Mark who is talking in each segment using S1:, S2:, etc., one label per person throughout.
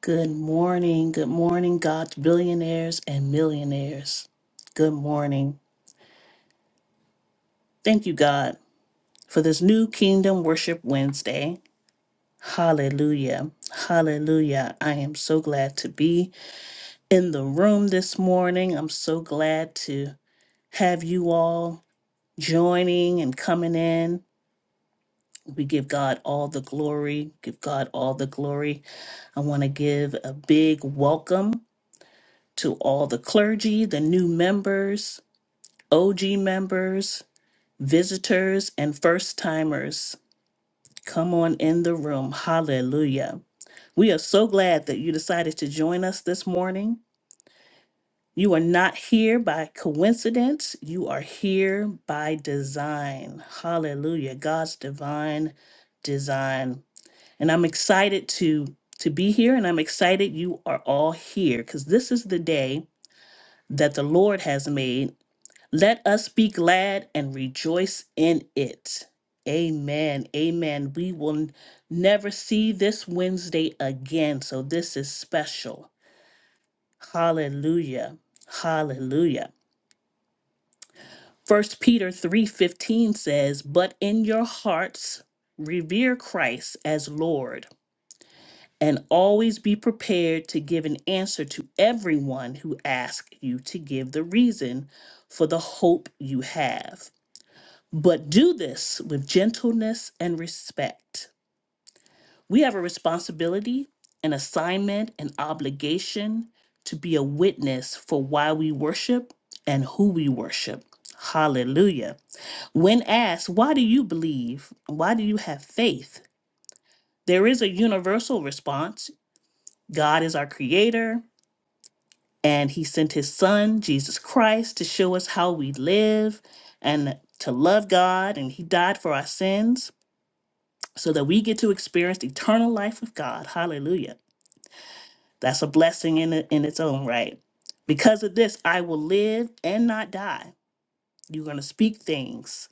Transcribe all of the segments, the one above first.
S1: Good morning. Good morning, God's billionaires and millionaires. Good morning. Thank you, God, for this new Kingdom Worship Wednesday. Hallelujah. Hallelujah. I am so glad to be in the room this morning. I'm so glad to have you all joining and coming in. We give God all the glory. Give God all the glory. I want to give a big welcome to all the clergy, the new members, OG members, visitors, and first timers, come on in the room. Hallelujah. We are so glad that you decided to join us this morning. You are not here by coincidence, you are here by design. Hallelujah. God's divine design. And I'm excited to to be here and I'm excited you are all here cuz this is the day that the Lord has made Let us be glad and rejoice in it. Amen. Amen. We will n- never see this Wednesday again, so this is special. Hallelujah. Hallelujah. First Peter 3:15 says, "But in your hearts revere Christ as Lord, and always be prepared to give an answer to everyone who asks you to give the reason for the hope you have." but do this with gentleness and respect. We have a responsibility, an assignment, an obligation to be a witness for why we worship and who we worship. Hallelujah. When asked, why do you believe? Why do you have faith? There is a universal response God is our creator, and He sent His Son, Jesus Christ, to show us how we live and to love God, and He died for our sins. so that we get to experience the eternal life of God. Hallelujah. That's a blessing in, it, in its own right. Because of this, I will live and not die. You're going to speak things.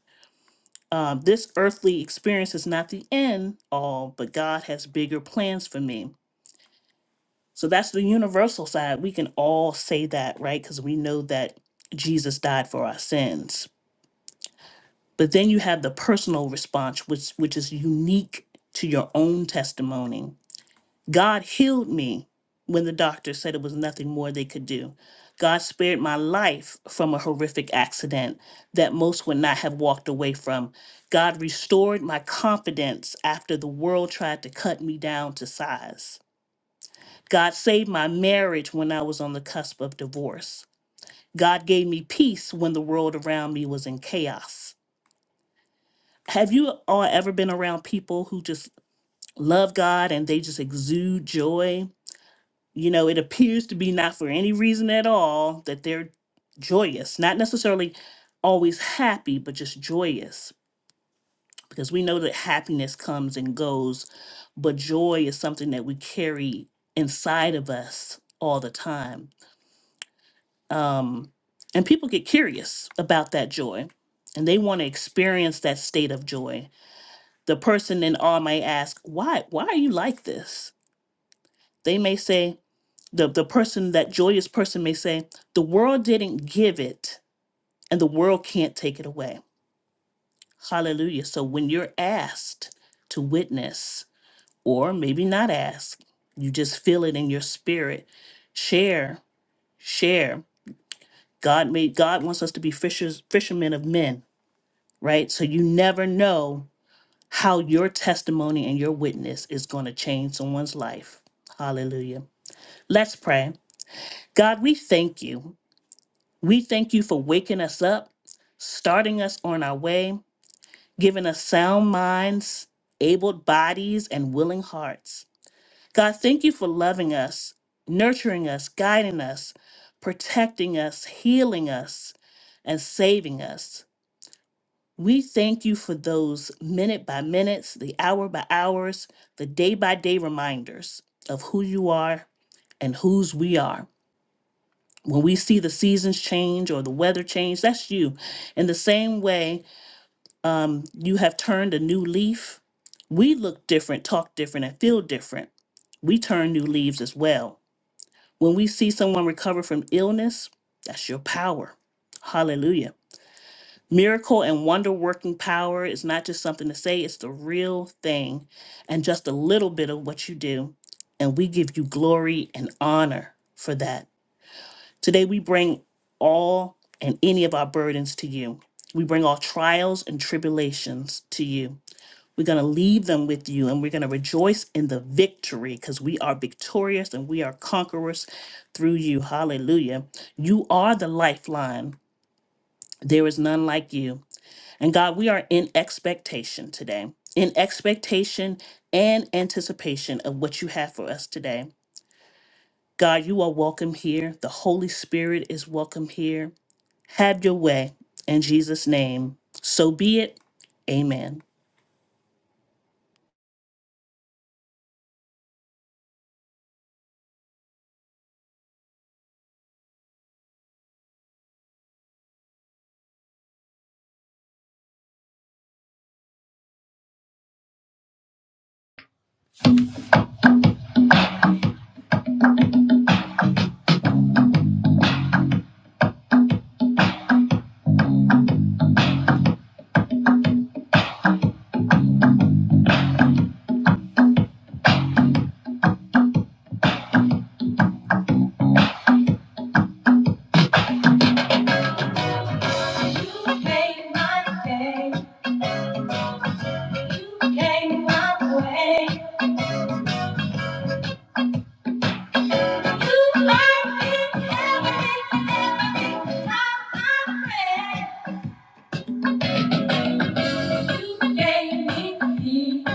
S1: Um, this earthly experience is not the end all, but God has bigger plans for me. So that's the universal side. We can all say that, right? Because we know that Jesus died for our sins. But then you have the personal response, which which is unique to your own testimony God healed me when the doctor said it was nothing more they could do. God spared my life from a horrific accident that most would not have walked away from. God restored my confidence after the world tried to cut me down to size. God saved my marriage when I was on the cusp of divorce. God gave me peace when the world around me was in chaos. Have you all ever been around people who just love God and they just exude joy? you know, it appears to be not for any reason at all that they're joyous, not necessarily always happy, but just joyous, because we know that happiness comes and goes, but joy is something that we carry inside of us all the time. Um, and people get curious about that joy and they want to experience that state of joy. The person in awe may ask, Why, why are you like this? They may say, the the person that joyous person may say the world didn't give it and the world can't take it away hallelujah so when you're asked to witness or maybe not asked you just feel it in your spirit share share god made god wants us to be fishers fishermen of men right so you never know how your testimony and your witness is going to change someone's life hallelujah let's pray god we thank you We thank you for waking us up, starting us on our way, giving us sound minds, able bodies, and willing hearts. God, thank you for loving us, nurturing us, guiding us, protecting us, healing us, and saving us. We thank you for those minute by minutes, the hour by hours, the day by day reminders of who you are and whose we are when we see the seasons change or the weather change, that's you. In the same way, um, you have turned a new leaf. We look different, talk different, and feel different. We turn new leaves as well. When we see someone recover from illness, that's your power. Hallelujah. Miracle and wonder working power is not just something to say, it's the real thing and just a little bit of what you do. And we give you glory and honor for that. Today we bring all and any of our burdens to you. We bring our trials and tribulations to you. We're going to leave them with you and we're going to rejoice in the victory because we are victorious and we are conquerors through you. Hallelujah. You are the lifeline. There is none like you. And God, we are in expectation today, in expectation and anticipation of what you have for us today. God, you are welcome here. The Holy Spirit is welcome here. Have your way. In Jesus' name, so be it. Amen.
S2: You made my day. You came my way. You are in heaven every time I pray. You gave me peace.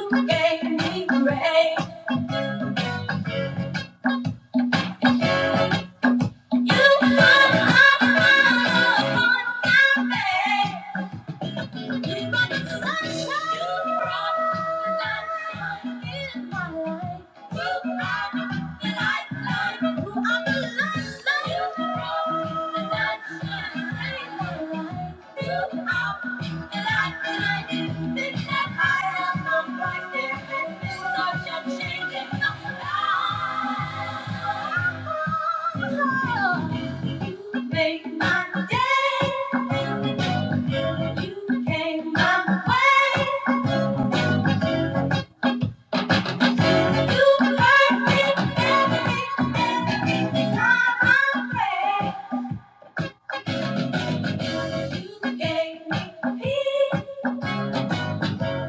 S2: You gave me grace. You put a smile upon my face. Make my day. You came my way. You hurt me every, every time I pray. You gave me peace.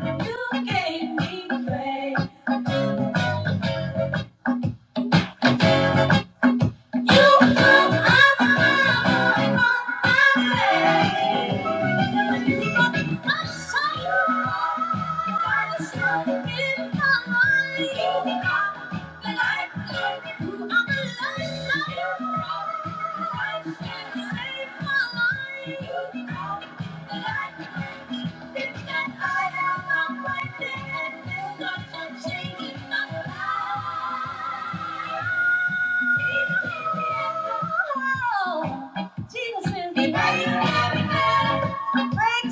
S2: You gave me grace. Thank you. Breaks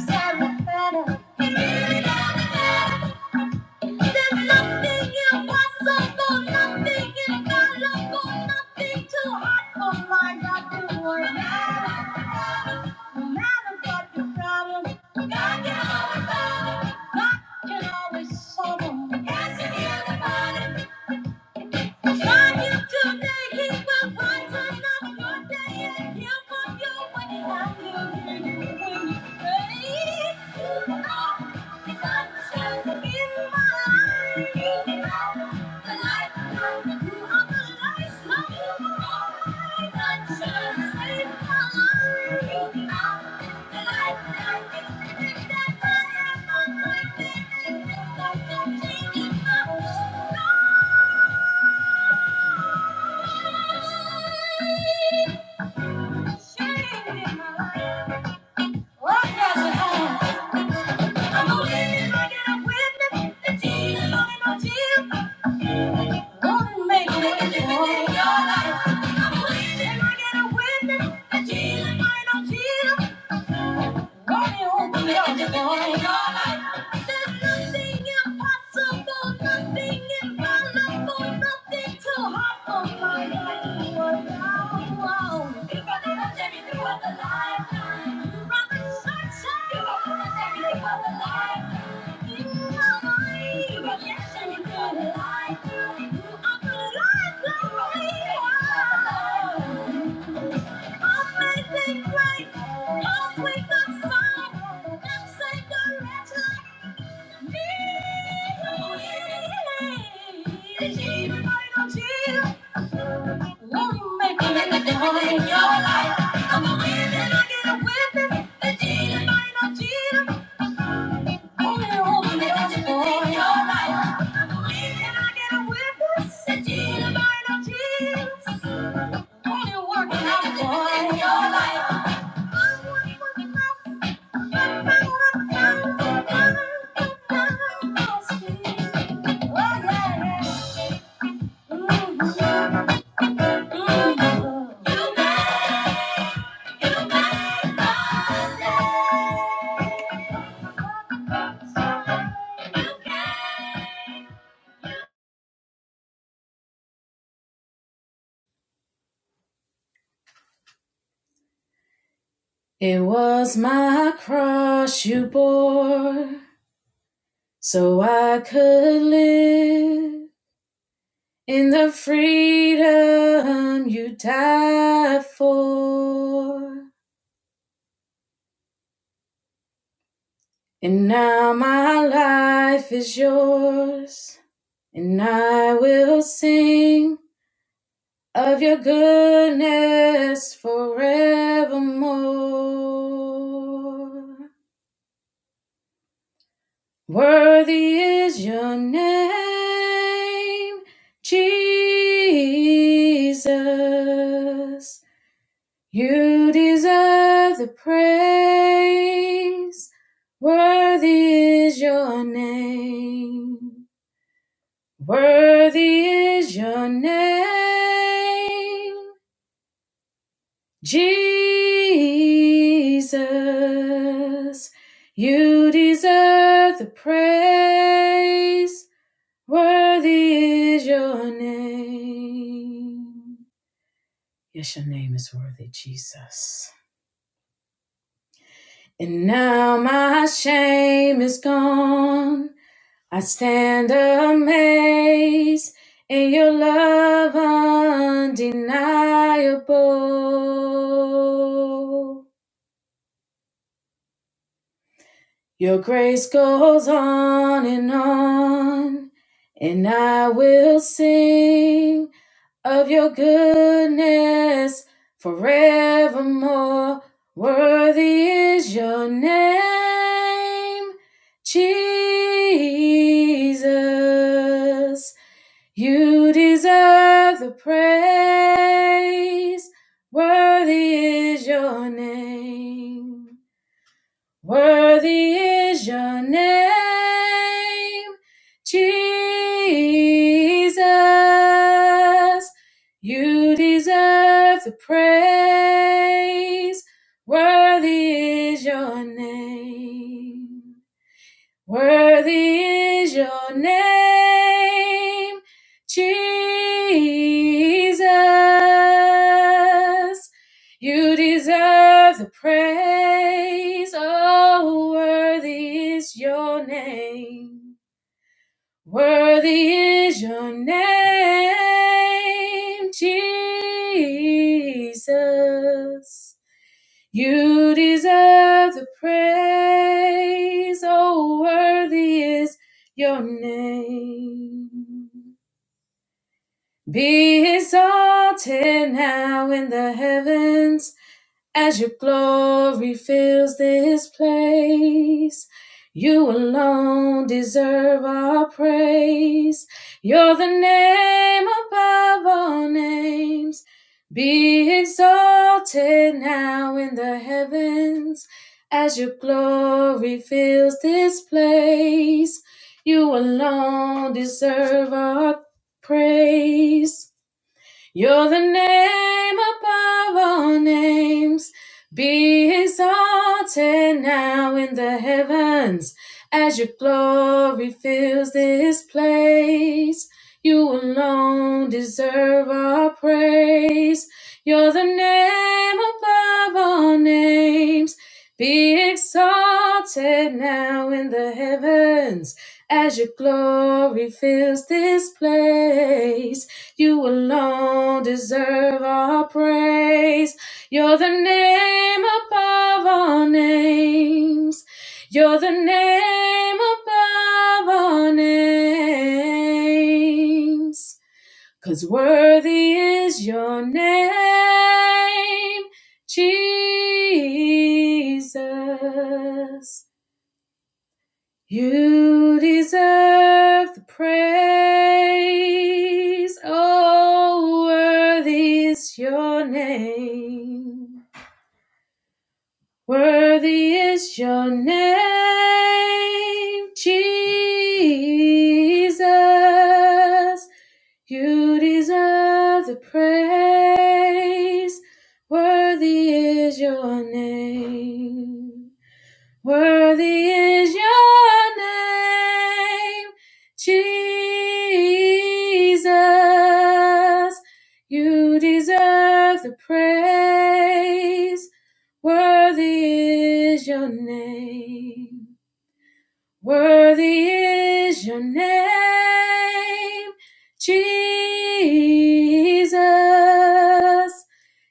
S2: every fetter. There's nothing impossible, nothing infallible, nothing too hard for my God to work No matter what the problem, God can always solve it. God can always solve it. Yes, He can. Thank you. I'm I'm believing I get a witness. your life. Thank you. God, you won't be on your own. There's nothing impossible, nothing infallible, nothing too hard for my God. You are now. If I did not take You brought the longevity through all the lifetime. You brought the sunshine. You brought the longevity through all the lifetime. You are mine. You brought the longevity through all the lifetime. You are the lifeline. You are the lifeline. Amazing grace, how sweet the sound that saved a wretch like me. Jesus, I know Jesus. Let me make a living difference in your life. I'm a winner, I get a witness. The Jesus, I know Jesus. Thank you.
S3: It was my cross you bore, so I could live in the freedom you died for. And now my life is yours, and I will sing of your goodness forevermore. Worthy is your name, Jesus. You deserve the praise. Worthy is your name. Worthy is your name, Jesus. You deserve the praise. Worthy is your name. Yes, your name is worthy, Jesus. And now my shame is gone. I stand amazed in your love undeniable. Your grace goes on and on, and I will sing. of your goodness forevermore. Worthy is your name, Jesus. You deserve the praise. Worthy is your name. Worthy is your name, Jesus. You deserve the praise. Worthy is your name. Worthy is your name, Jesus. You deserve the praise. Oh, worthy is your name. Worthy is your name, Jesus. You deserve the praise, oh worthy is your name. Be exalted now in the heavens as your glory fills this place. You alone deserve our praise. You're the name above all names. Be exalted now in the heavens as your glory fills this place. You alone deserve our praise. You're the name above all names. Be exalted now in the heavens as your glory fills this place. You alone deserve our praise. You're the name above all names. Be exalted now in the heavens as your glory fills this place. You alone deserve our praise. You're the name above all names. You're the name above all names. 'Cause worthy is your name, Jesus. You deserve the praise. Oh, worthy is your name. Worthy is your name, Jesus. You deserve the praise. Worthy is your name. Worthy is your name, Jesus. You deserve the praise. Worthy is your name. Worthy is your name, Jesus.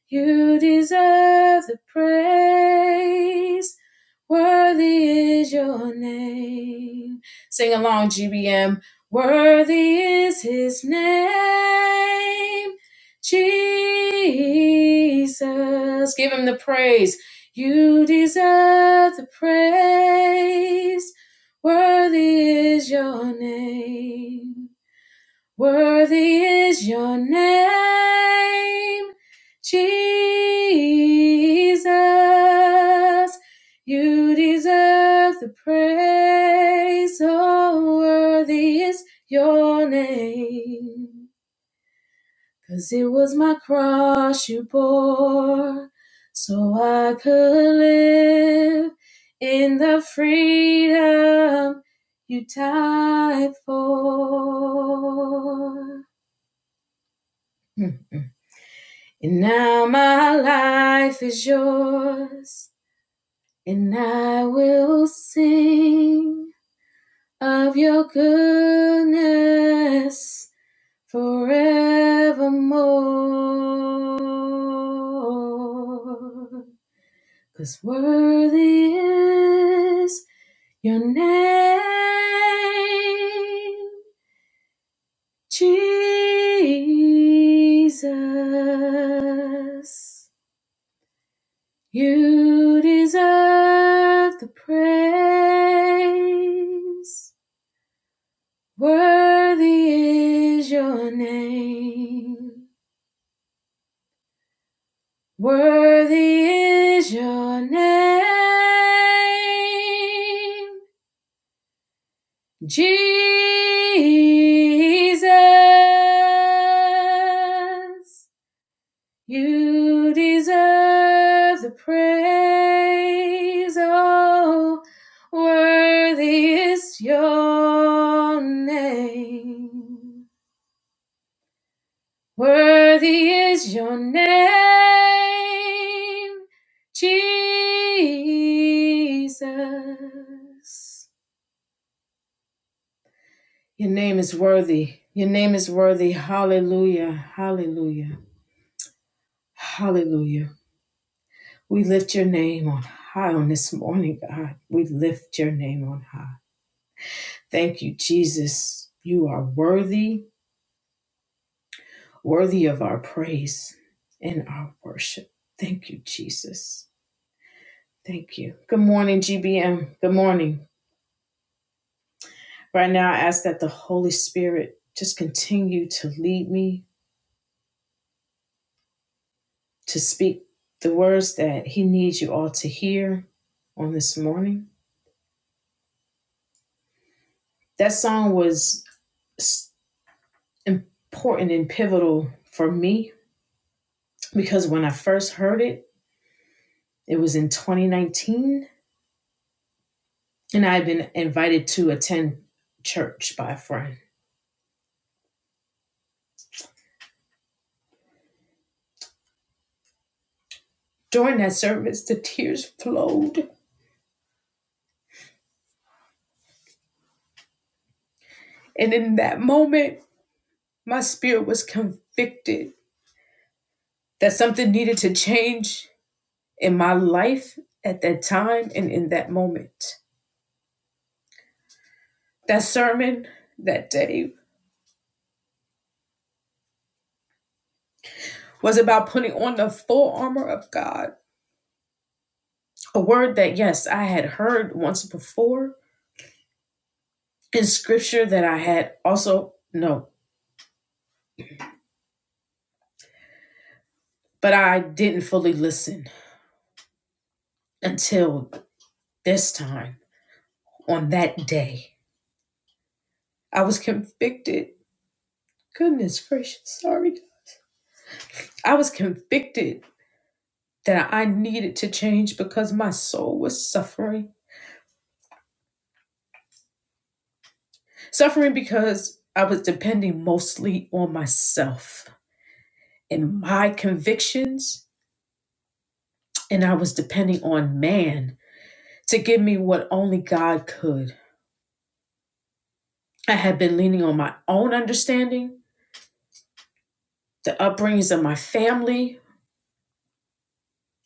S3: You deserve the praise. Worthy is your name. Sing along, GBM. Worthy is his name, Jesus. Give him the praise. You deserve the praise. Worthy is your name. Worthy is your name, Jesus. You deserve the praise. So worthy is your name. Cause it was my cross you bore, so I could live in the freedom you died for. Mm. And now my life is yours, and I will sing of your goodness Forevermore, 'cause worthy is your name, Jesus. You deserve the praise. Worthy is your name. Worthy is your name, Jesus. You deserve the praise. Oh, worthy is your name. Worthy is your name, Jesus. Your name is worthy. Your name is worthy. Hallelujah. Hallelujah. Hallelujah. We lift your name on high on this morning, God. We lift your name on high. Thank you, Jesus. You are worthy, worthy of our praise and our worship. Thank you, Jesus. Thank you. Good morning, GBM. Good morning. Right now, I ask that the Holy Spirit just continue to lead me to speak the words that He needs you all to hear on this morning. That song was important and pivotal for me because when I first heard it, it was in 2019, and I had been invited to attend church by a friend. During that service, the tears flowed. And in that moment, my spirit was convicted that something needed to change in my life at that time and in that moment. That sermon that day was about putting on the full armor of God, a word that, yes, I had heard once before in scripture that I had also, no, but I didn't fully listen until this time on that day. I was convicted. Goodness gracious, sorry. I was convicted that I needed to change because my soul was suffering. Suffering because I was depending mostly on myself and my convictions, and I was depending on man to give me what only God could. I had been leaning on my own understanding, the upbringings of my family,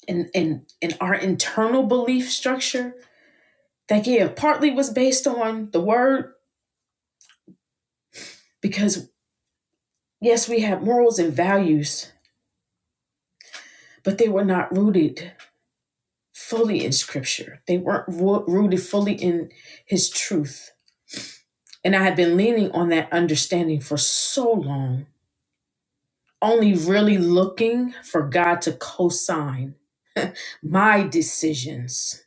S3: and, and, and our internal belief structure that, yeah, partly was based on the word because, yes, we had morals and values, but they were not rooted fully in scripture. They weren't ru- rooted fully in his truth. And I had been leaning on that understanding for so long, only really looking for God to co sign my decisions,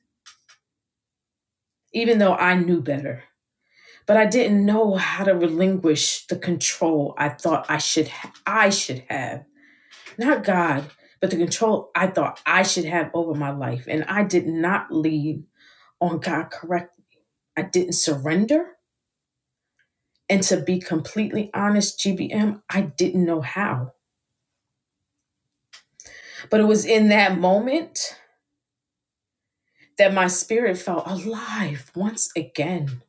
S3: even though I knew better. But I didn't know how to relinquish the control I thought I should ha- I should have. Not God, but the control I thought I should have over my life. And I did not lead on God correctly. I didn't surrender And to be completely honest, GBM, I didn't know how. But it was in that moment that my spirit felt alive once again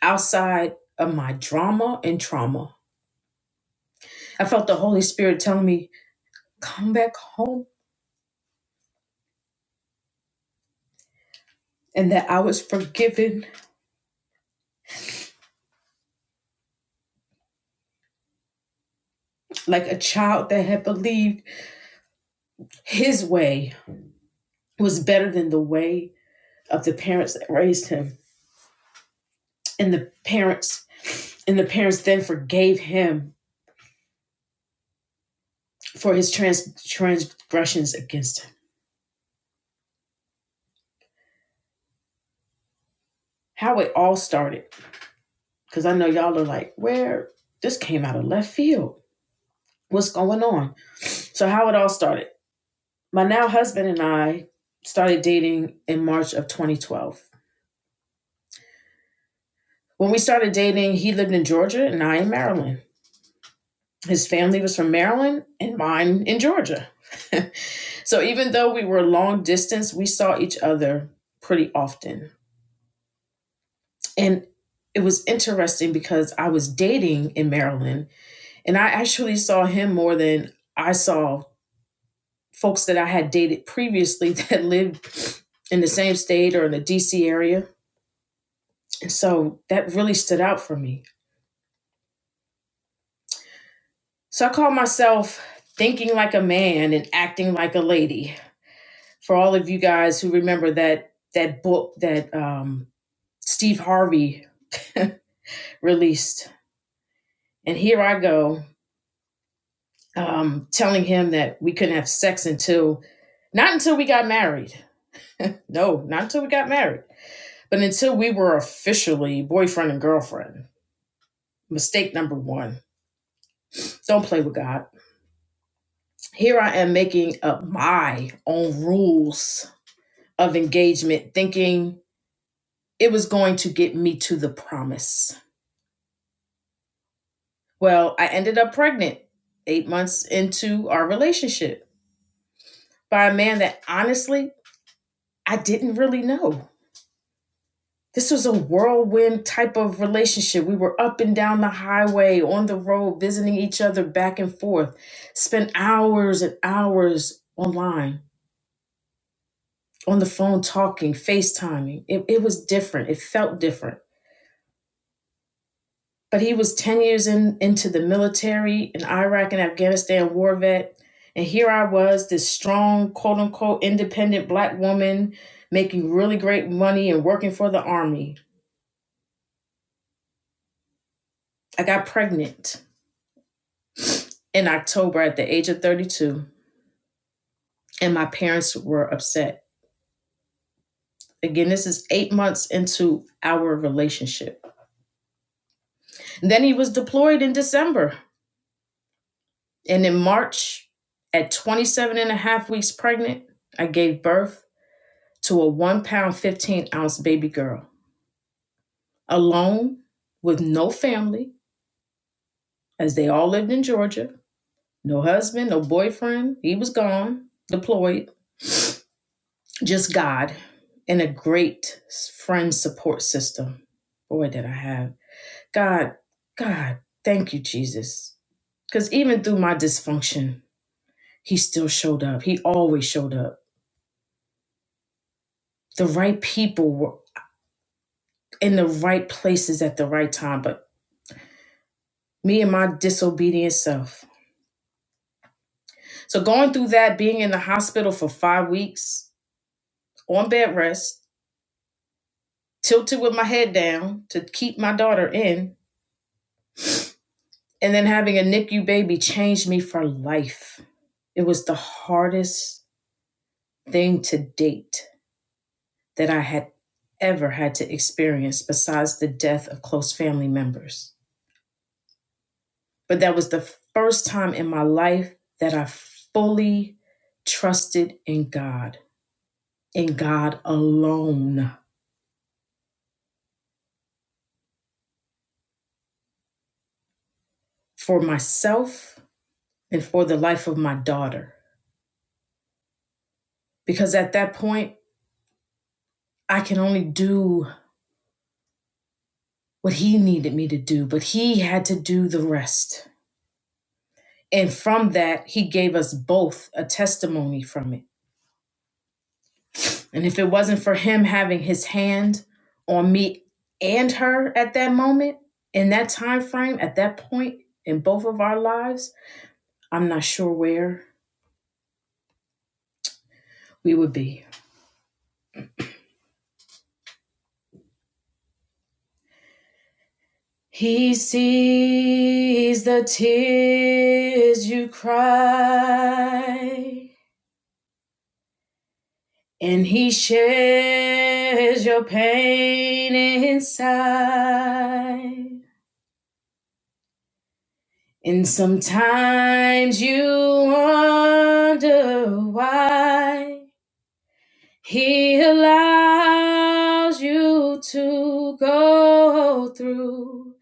S3: outside of my drama and trauma. I felt the Holy Spirit telling me, come back home. And that I was forgiven like a child that had believed his way was better than the way of the parents that raised him. And the parents and the parents then forgave him for his trans- transgressions against him how it all started. Because I know y'all are like, where this came out of left field. What's going on? So, how it all started. My now husband and I started dating in March of 2012. When we started dating, he lived in Georgia and I in Maryland. His family was from Maryland and mine in Georgia. so, even though we were long distance, we saw each other pretty often. And it was interesting because I was dating in Maryland And I actually saw him more than I saw folks that I had dated previously that lived in the same state or in the DC area. And so that really stood out for me. So I call myself thinking like a man and acting like a lady. For all of you guys who remember that that book that um, Steve Harvey released, and here I go um, telling him that we couldn't have sex until not until we got married. No, not until we got married. But until we were officially boyfriend and girlfriend, mistake number one don't play with God. Here I am making up my own rules of engagement, thinking it was going to get me to the promise. Well, I ended up pregnant eight months into our relationship by a man that honestly I didn't really know. This was a whirlwind type of relationship. We were up and down the highway, on the road, visiting each other back and forth. Spent hours and hours online, on the phone talking, FaceTiming. It, it was different. It felt different. But he was 10 years in, into the military, an Iraq and Afghanistan war vet. And here I was, this strong, quote unquote, independent black woman making really great money and working for the army. I got pregnant in October at the age of 32, and my parents were upset. Again, this is eight months into our relationship. And Then he was deployed in December. And in March, at 27 and a half weeks pregnant, I gave birth to a one pound, 15 ounce baby girl, alone with no family, as they all lived in Georgia. No husband, no boyfriend. He was gone, deployed. just God and a great friend support system. Boy, did I have God, God, thank you, Jesus. Because even through my dysfunction, He still showed up. He always showed up. The right people were in the right places at the right time, but me and my disobedient self. So going through that, being in the hospital for five weeks on bed rest, tilted with my head down to keep my daughter in, and then having a NICU baby changed me for life It was the hardest thing to date that I had ever had to experience, besides the death of close family members. But that was the first time in my life that I fully trusted in God, in God alone, for myself and for the life of my daughter. Because at that point, I can only do what He needed me to do, but He had to do the rest. And from that, he gave us both a testimony from it. And if it wasn't for him having his hand on me and her at that moment, in that time frame, at that point in both of our lives, I'm not sure where we would be. He sees the tears you cry, and he shares your pain inside. And sometimes you wonder why he allows you to go through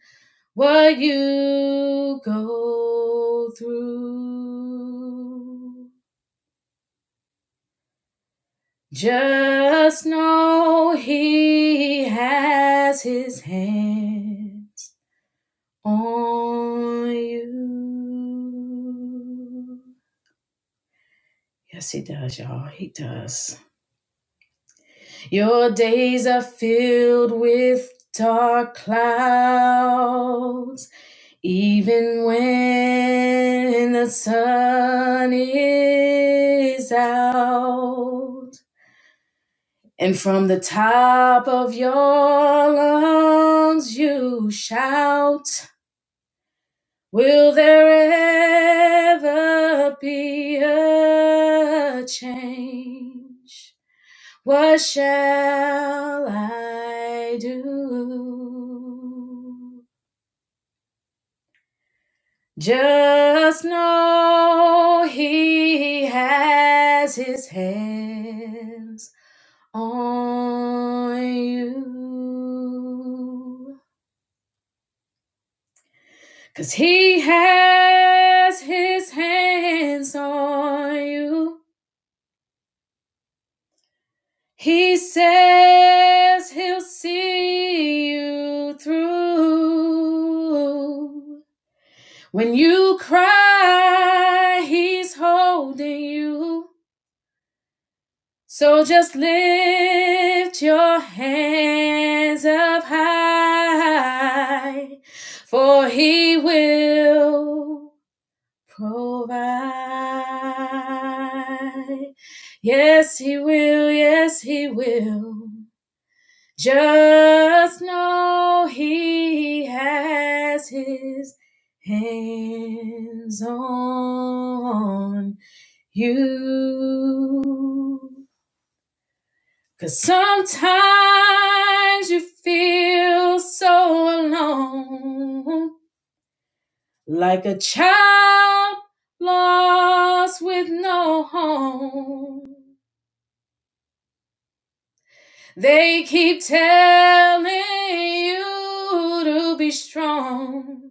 S3: what you go through. Just know he has his hand on you. Yes, he does, y'all. He does. Your days are filled with dark clouds, even when the sun is out. And from the top of your lungs you shout, Will there ever be a change? What shall I do? Just know he has his hands on you, 'cause he has his hands on you. He says he'll see you through. When you cry, he's holding you. So just lift your hands up high, for he will provide. Yes, he will. Yes, he will. Just know he has his hands on you, 'cause sometimes you feel so alone, like a child lost with no home. They keep telling you to be strong.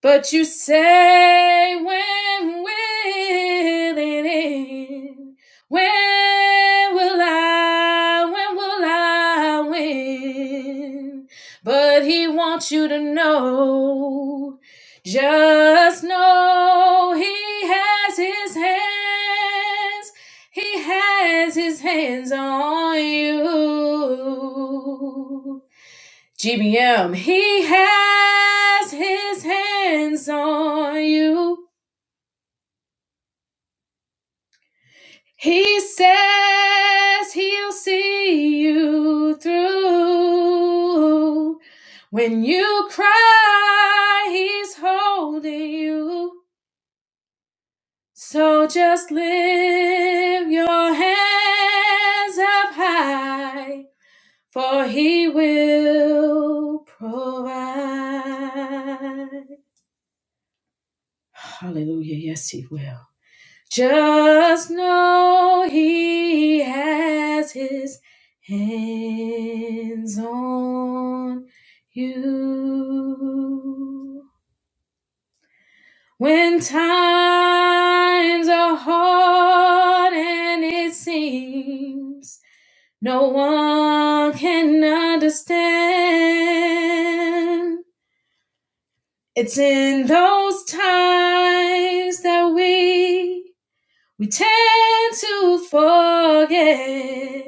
S3: But you say when will it end? When will I? When will I win? But he wants you to know. Just know he has his hands. He has his hands on you. GBM, he has his hands on you. He says he'll see you through. When you cry, he's holding you. So just lift your hands up high, for he will provide. Hallelujah. Yes, he will. Just know he has his hands on you. When times are hard and it seems no one can understand, it's in those times that we We tend to forget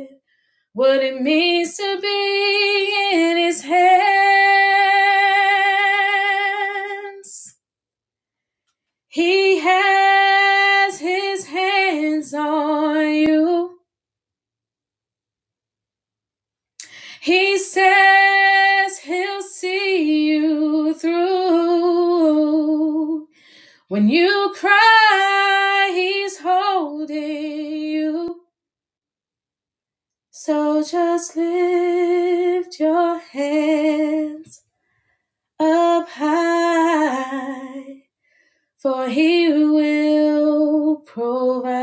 S3: what it means to be in His hands. He has His hands on you. He says He'll see you through. When you cry, He's holding you. So just lift your hands up high, for He will provide.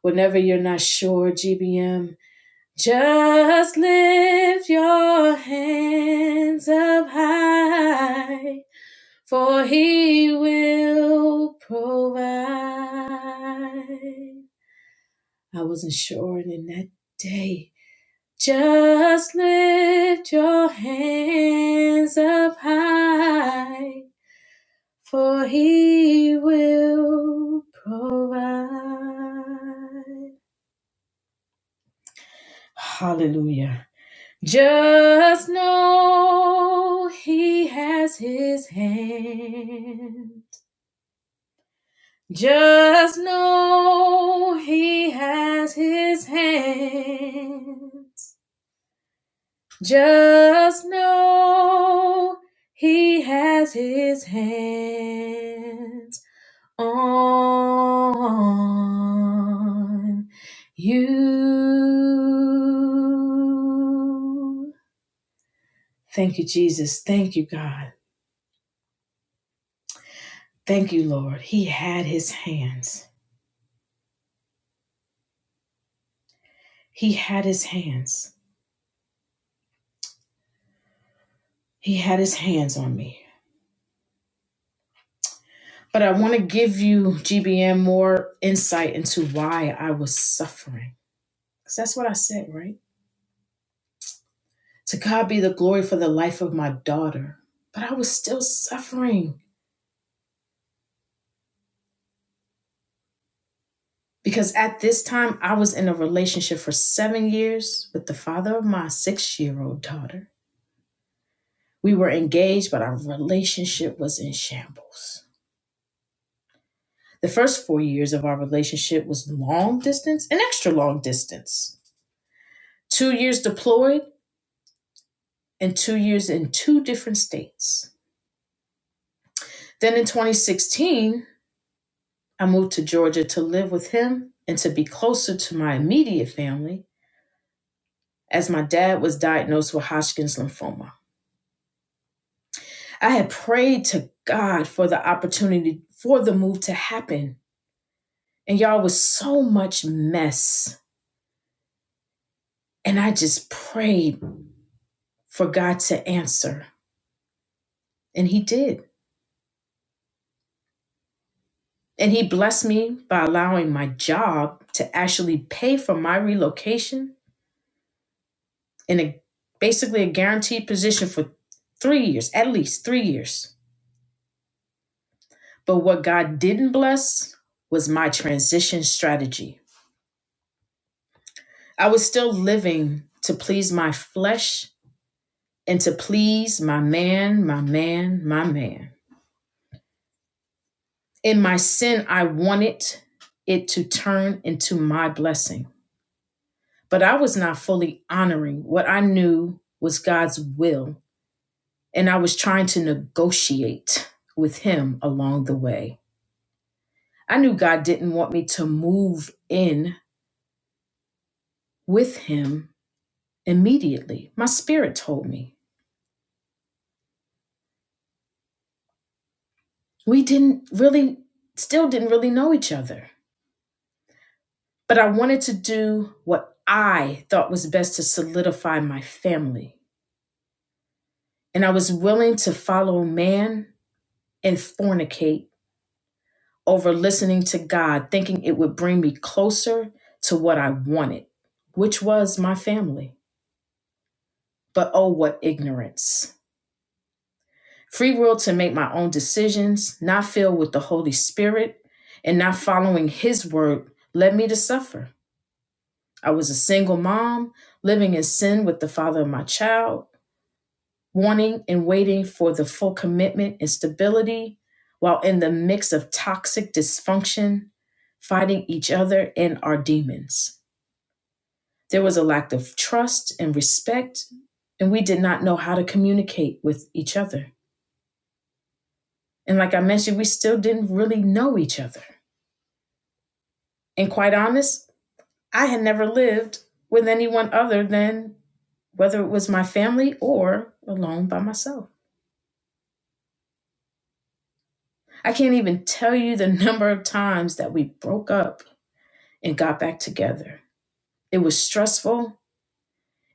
S3: Whenever you're not sure, GBM, just lift your hands up high, for He will provide. I wasn't sure, and in that day. Just lift your hands up high, for he will provide. Hallelujah. Just know he has his hand. Just know he has his hand. Just know he has his hands on you. Thank you, Jesus. Thank you, God. Thank you, Lord. He had his hands. He had his hands. He had his hands on me. But I want to give you, GBM, more insight into why I was suffering. Because that's what I said, right? To God be the glory for the life of my daughter. But I was still suffering because at this time I was in a relationship for seven years with the father of my six year old daughter. We were engaged, but our relationship was in shambles. The first four years of our relationship was long distance and extra long distance. Two years deployed and two years in two different states. Then in 2016, I moved to Georgia to live with him and to be closer to my immediate family as my dad was diagnosed with Hodgkin's lymphoma. I had prayed to God for the opportunity for the move to happen. And y'all was so much mess. And I just prayed for God to answer. And he did. And he blessed me by allowing my job to actually pay for my relocation in a basically a guaranteed position for three years, at least three years. But what God didn't bless was my transition strategy. I was still living to please my flesh and to please my man, my man, my man. In my sin, I wanted it to turn into my blessing. But I was not fully honoring what I knew was God's will, and I was trying to negotiate with Him along the way. I knew God didn't want me to move in with Him immediately. My spirit told me. We didn't really, still didn't really know each other. But I wanted to do what I thought was best to solidify my family. And I was willing to follow man and fornicate over listening to God, thinking it would bring me closer to what I wanted, which was my family. But oh, what ignorance. Free will to make my own decisions, not filled with the Holy Spirit, and not following His word led me to suffer. I was a single mom, living in sin with the father of my child, wanting and waiting for the full commitment and stability, while in the mix of toxic dysfunction, fighting each other and our demons. There was a lack of trust and respect, and we did not know how to communicate with each other. And like I mentioned, we still didn't really know each other. And quite honest, I had never lived with anyone other than whether it was my family or alone by myself. I can't even tell you the number of times that we broke up and got back together. It was stressful,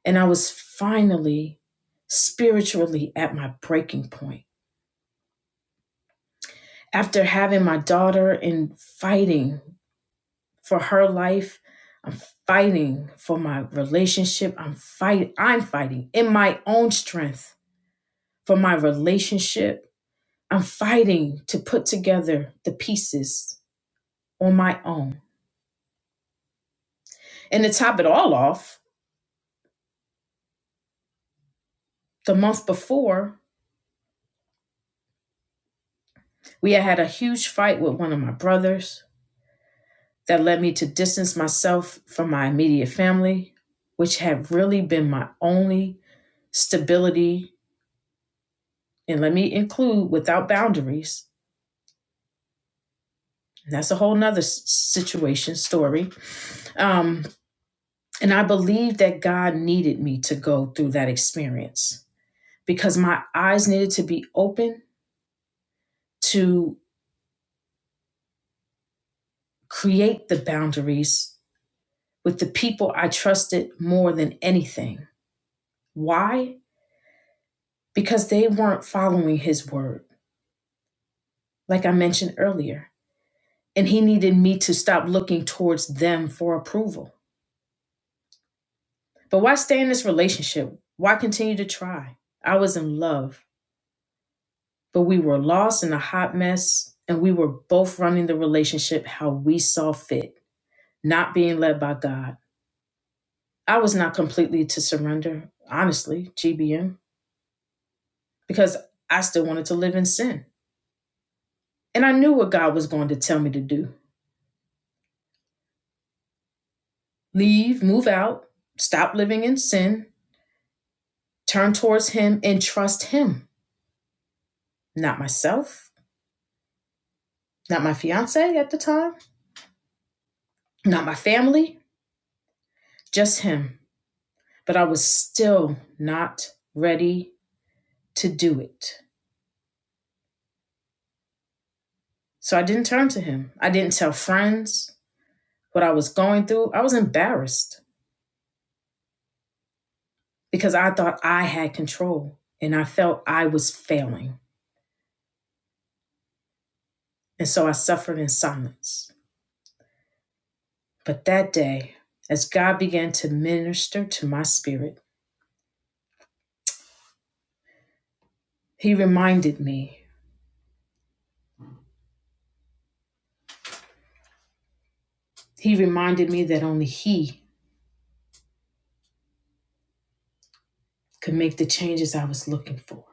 S3: and I was finally spiritually at my breaking point. After having my daughter and fighting for her life. I'm fighting for my relationship. I'm fight I'm fighting in my own strength for my relationship. I'm fighting to put together the pieces on my own. And to top it all off, the month before, we had had a huge fight with one of my brothers that led me to distance myself from my immediate family, which had really been my only stability and let me include without boundaries That's a whole nother s- situation story. Um, and I believe that God needed me to go through that experience because my eyes needed to be open to create the boundaries with the people I trusted more than anything. Why? Because they weren't following his word, like I mentioned earlier. And he needed me to stop looking towards them for approval. But why stay in this relationship? Why continue to try? I was in love. but we were lost in a hot mess and we were both running the relationship how we saw fit, not being led by God. I was not completely to surrender, honestly, GBM, because I still wanted to live in sin. And I knew what God was going to tell me to do leave, move out, stop living in sin, turn towards Him, and trust Him. Not myself, not my fiance at the time, not my family, just Him. But I was still not ready to do it. So I didn't turn to him. I didn't tell friends what I was going through. I was embarrassed because I thought I had control and I felt I was failing. And so I suffered in silence. But that day, as God began to minister to my spirit, He reminded me, He reminded me that only He could make the changes I was looking for.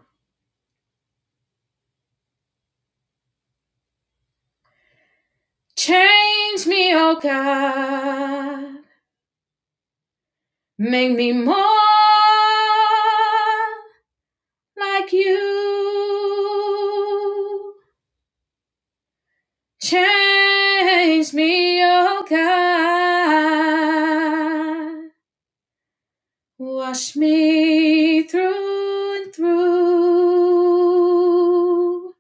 S3: Change me, oh God, make me more like you. Change me, oh God. Wash me through and through.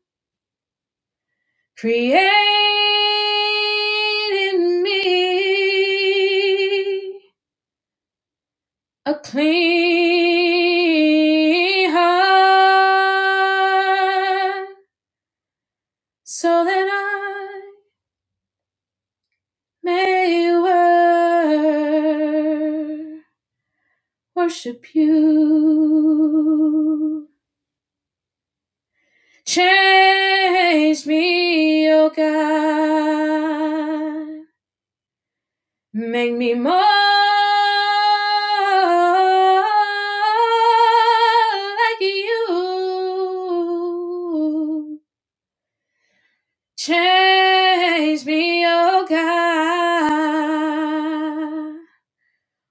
S3: Create in me a clean heart so that I May wor- worship you. Change me, O God. Make me more like you. Change me, O God.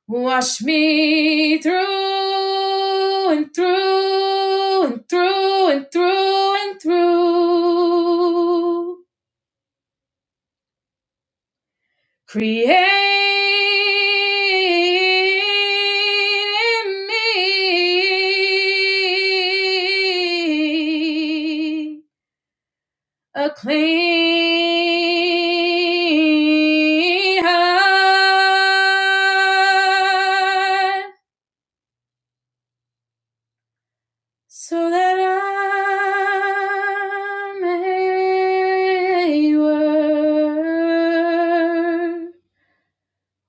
S3: Wash me through and through and through and through and through. Create in me a clean heart so that I may wor-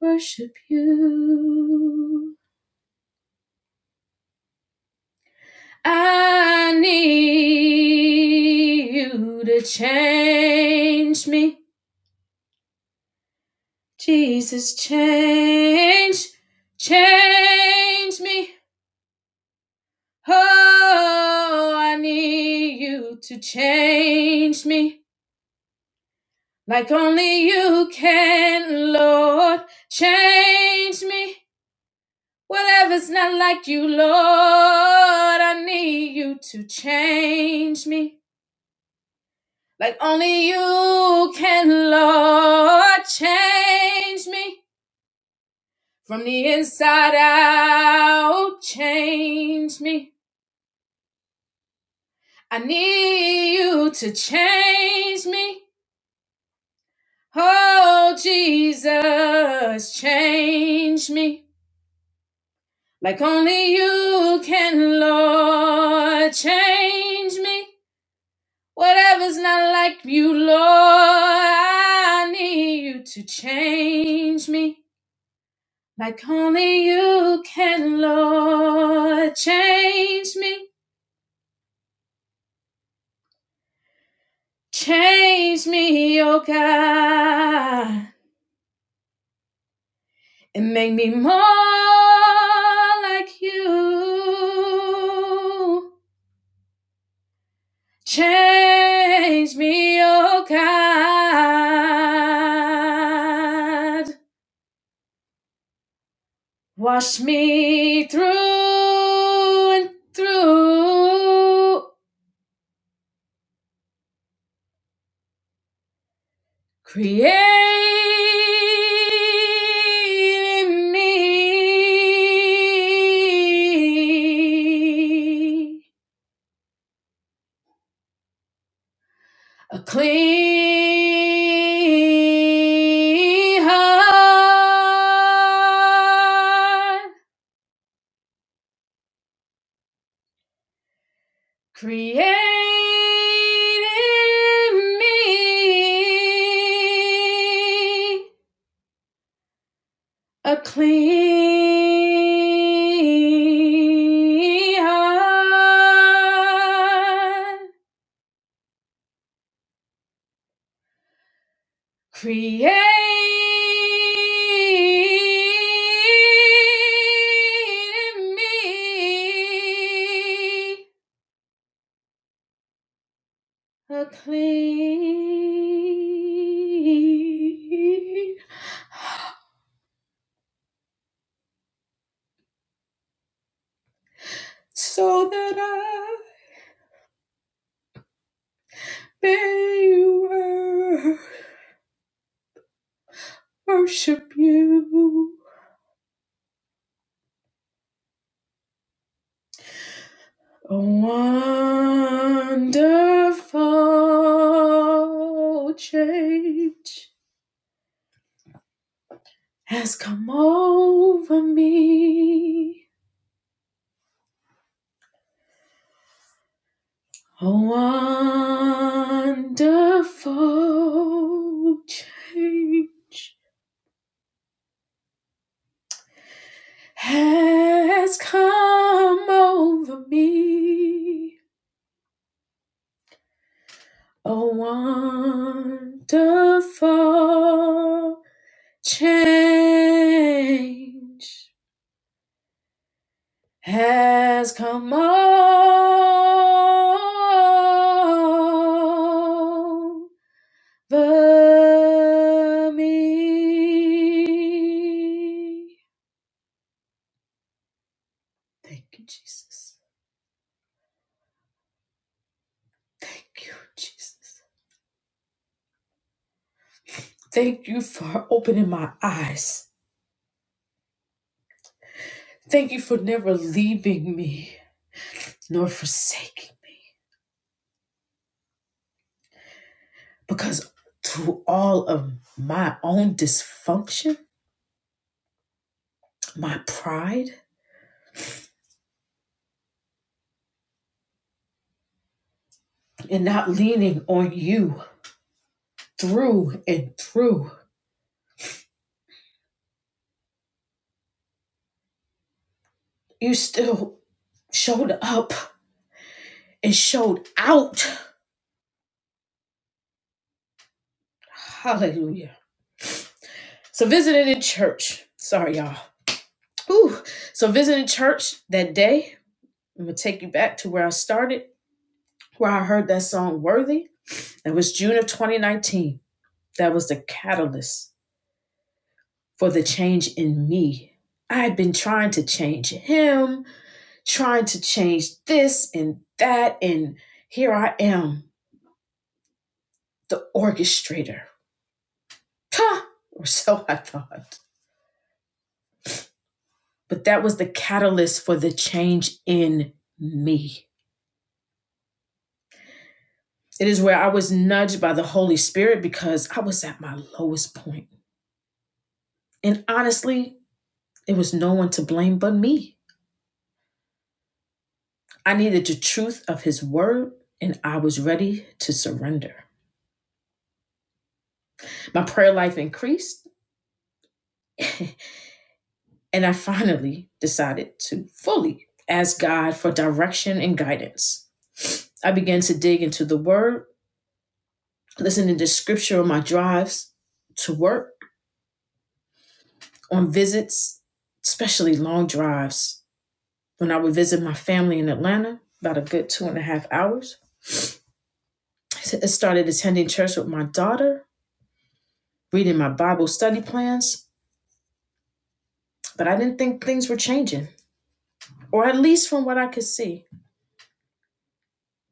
S3: worship you. I need you to change me, Jesus, change, change me. Oh, I need you to change me. like only you can, Lord. Change me, whatever's not like you, Lord. I need you to change me, like only you can, Lord. Change me from the inside out, change me. I need you to change me. Oh, Jesus, change me. Like only you can, Lord, change me. Whatever's not like you, Lord, I need you to change me. Like only you can, Lord, change me. Change me, oh God, and make me more like you. Change me, oh God. Wash me through and through. Create in me a clean heart Create in me a clean heart. Create me a clean so that I. They wor- worship you. A wonderful change has come over me. A wonderful change has come over me. A wonderful Change has come over me. Thank you, Jesus. Thank you, Jesus. Thank you for opening my eyes. Thank you for never leaving me nor forsaking. me. Because through all of my own dysfunction, my pride, and not leaning on you through and through. You still showed up and showed out. Hallelujah. So visiting in church. Sorry, y'all. Whew. So visiting church that day, I'm gonna take you back to where I started, where I heard that song Worthy. That was June of 2019. That was the catalyst for the change in me. I had been trying to change him trying to change this and that. And here I am, the orchestrator. Huh, or so I thought. But that was the catalyst for the change in me. It is where I was nudged by the Holy Spirit because I was at my lowest point. And honestly, it was no one to blame but me. I needed the truth of His word, and I was ready to surrender. My prayer life increased. And I finally decided to fully ask God for direction and guidance. I began to dig into the Word, listening to scripture on my drives to work, on visits, especially long drives. When I would visit my family in Atlanta, about a good two and a half hours, I started attending church with my daughter, reading my Bible study plans, but I didn't think things were changing, or at least from what I could see.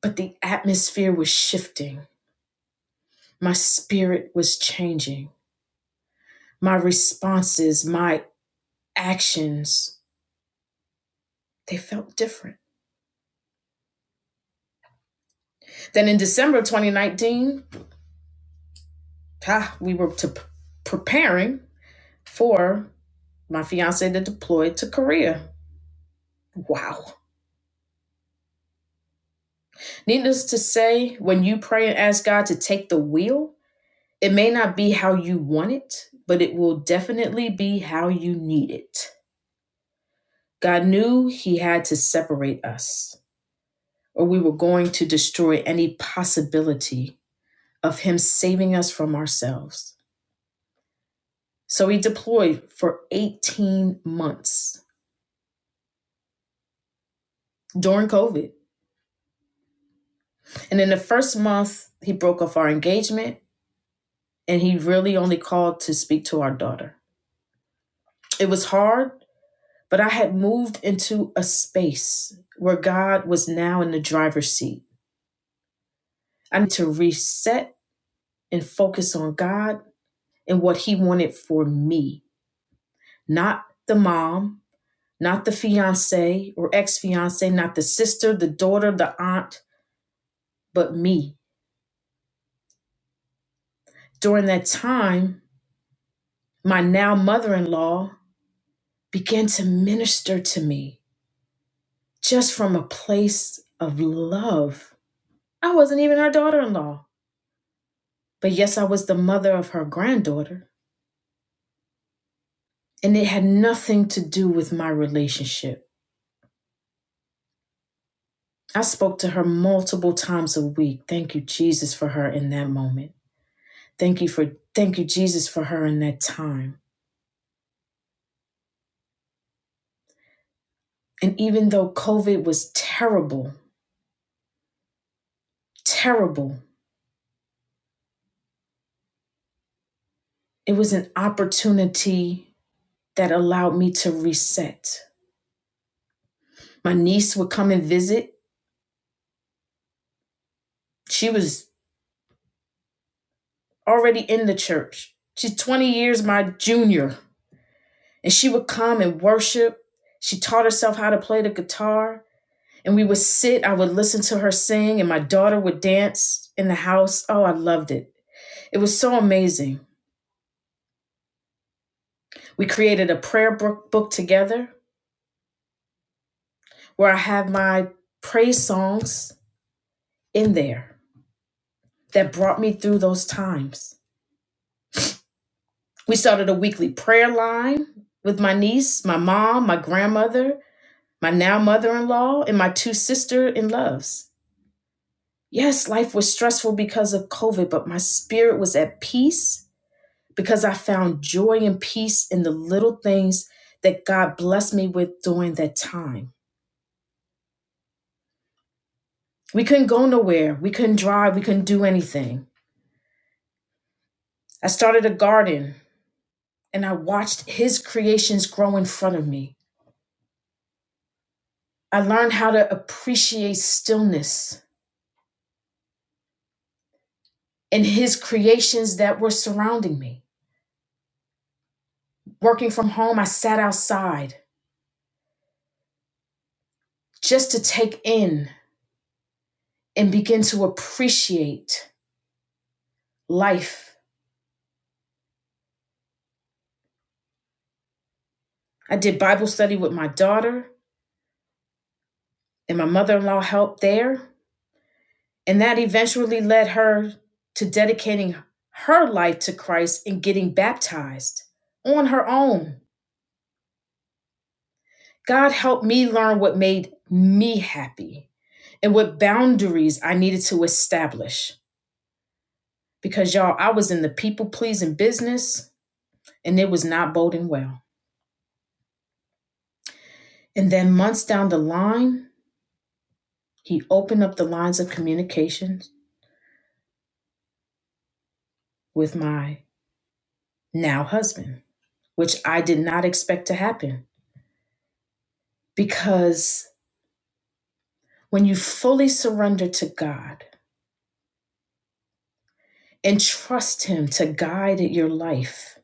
S3: But the atmosphere was shifting. My spirit was changing. My responses, my actions, they felt different. Then in December of 2019, ah, we were to p- preparing for my fiance to deploy to Korea. Wow. Needless to say, when you pray and ask God to take the wheel, it may not be how you want it, but it will definitely be how you need it. God knew He had to separate us. or we were going to destroy any possibility of Him saving us from ourselves. So He deployed for 18 months during COVID. And in the first month, He broke off our engagement and He really only called to speak to our daughter. It was hard, but I had moved into a space where God was now in the driver's seat. I need to reset and focus on God and what He wanted for me, not the mom not the fiance or ex fiance, not the sister, the daughter, the aunt, but me. During that time, my now mother in law began to minister to me just from a place of love. I wasn't even her daughter in law, but yes, I was the mother of her granddaughter, and it had nothing to do with my relationship. I spoke to her multiple times a week. Thank you, Jesus, for her in that moment. Thank you for thank you, Jesus, for her in that time. And even though COVID was terrible, terrible, it was an opportunity that allowed me to reset. My niece would come and visit. She was already in the church. She's 20 years my junior. And she would come and worship. She taught herself how to play the guitar. And we would sit, I would listen to her sing, and my daughter would dance in the house. Oh, I loved it. It was so amazing. We created a prayer book, together. where I have my praise songs in there that brought me through those times. We started a weekly prayer line with my niece, my mom, my grandmother, my now mother in law, and my two sister in laws Yes, life was stressful because of COVID, but my spirit was at peace because I found joy and peace in the little things that God blessed me with during that time. We couldn't go nowhere. We couldn't drive. We couldn't do anything. I started a garden and I watched his creations grow in front of me. I learned how to appreciate stillness in his creations that were surrounding me. Working from home, I sat outside just to take in and begin to appreciate life. I did Bible study with my daughter, and my mother in law helped there. And that eventually led her to dedicating her life to Christ and getting baptized on her own. God helped me learn what made me happy and what boundaries I needed to establish. Because y'all, I was in the people pleasing business and it was not boding well. And then months down the line, he opened up the lines of communication with my now husband, which I did not expect to happen. Because when you fully surrender to God and trust Him to guide your life,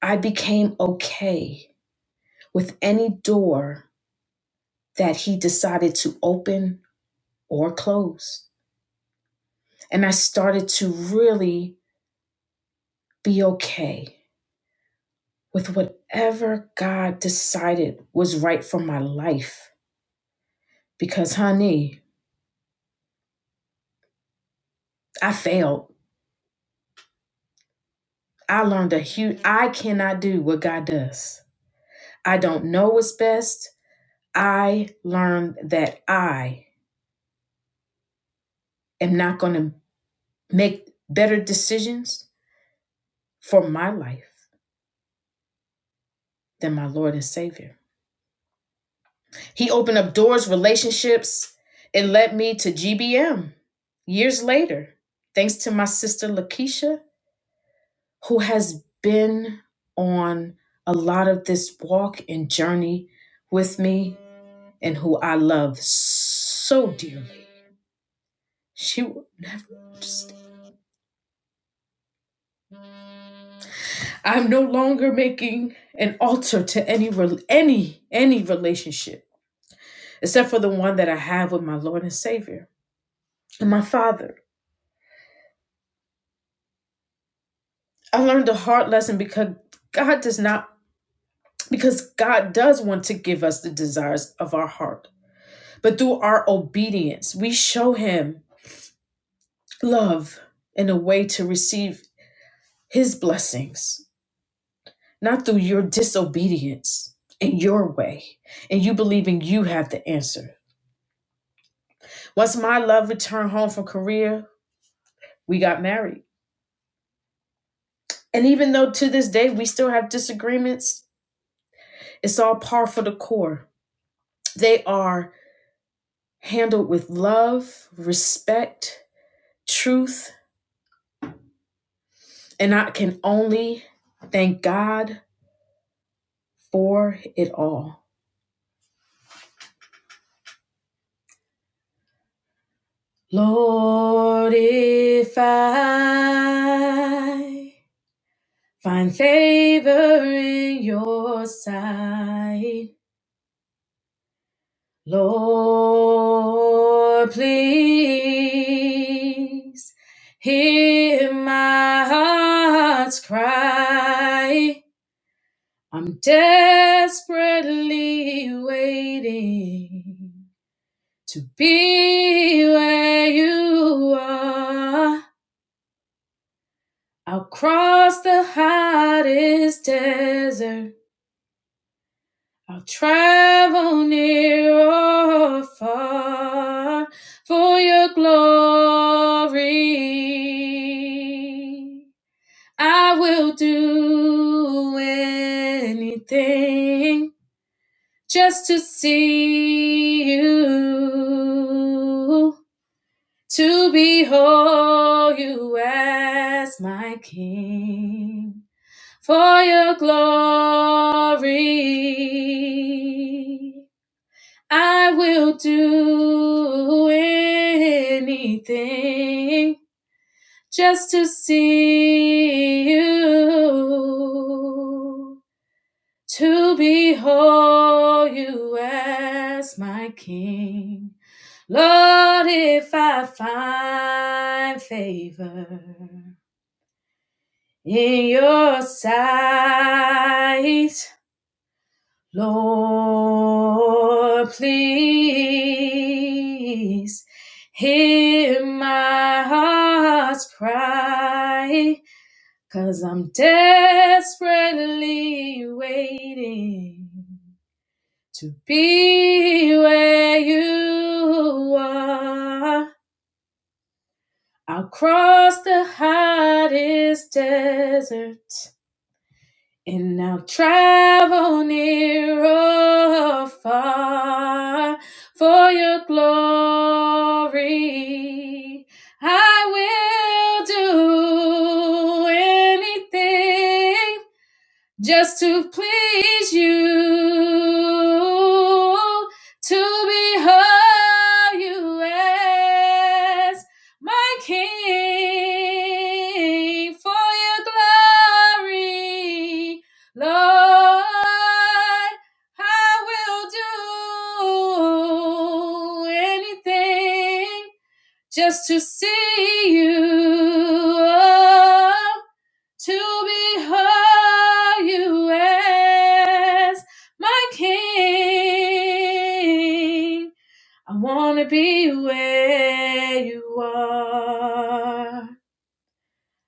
S3: I became okay with any door that he decided to open or close. And I started to really be okay with whatever God decided was right for my life. Because, honey, I failed. I learned a huge, I cannot do what God does. I don't know what's best. I learned that I am not going to make better decisions for my life than my Lord and Savior. He opened up doors, relationships. It led me to GBM years later, thanks to my sister Lakeisha, who has been on a lot of this walk and journey with me and who I love so dearly. She will never understand. I'm no longer making an altar to any rel any any relationship except for the one that I have with my Lord and Savior and my Father. I learned a hard lesson because God does not because God does want to give us the desires of our heart. But through our obedience, we show him love in a way to receive his blessings, not through your disobedience in your way and you believing you have the answer. Once my love returned home from Korea, we got married. And even though to this day we still have disagreements, it's all par for the core. They are handled with love, respect, truth, and I can only thank God for it all. Lord, if I find favor in your sight, Lord, please hear my heart's cry. I'm desperately waiting to be where you are. I'll cross the hottest desert. I'll travel near or far for your glory. I will do anything just to see you, to behold you as my King, for your glory. I will do anything just to see you to behold you as my king. Lord, if I find favor in your sight, Lord, please hear my heart's cry, i I'm desperately waiting to be where you are. I'll cross the hottest desert and I'll travel near or far for your glory. I will do anything just to please you, to behold you as my King for your glory, Lord. I will do anything just to see you, oh, to behold you as my king. I want to be where you are.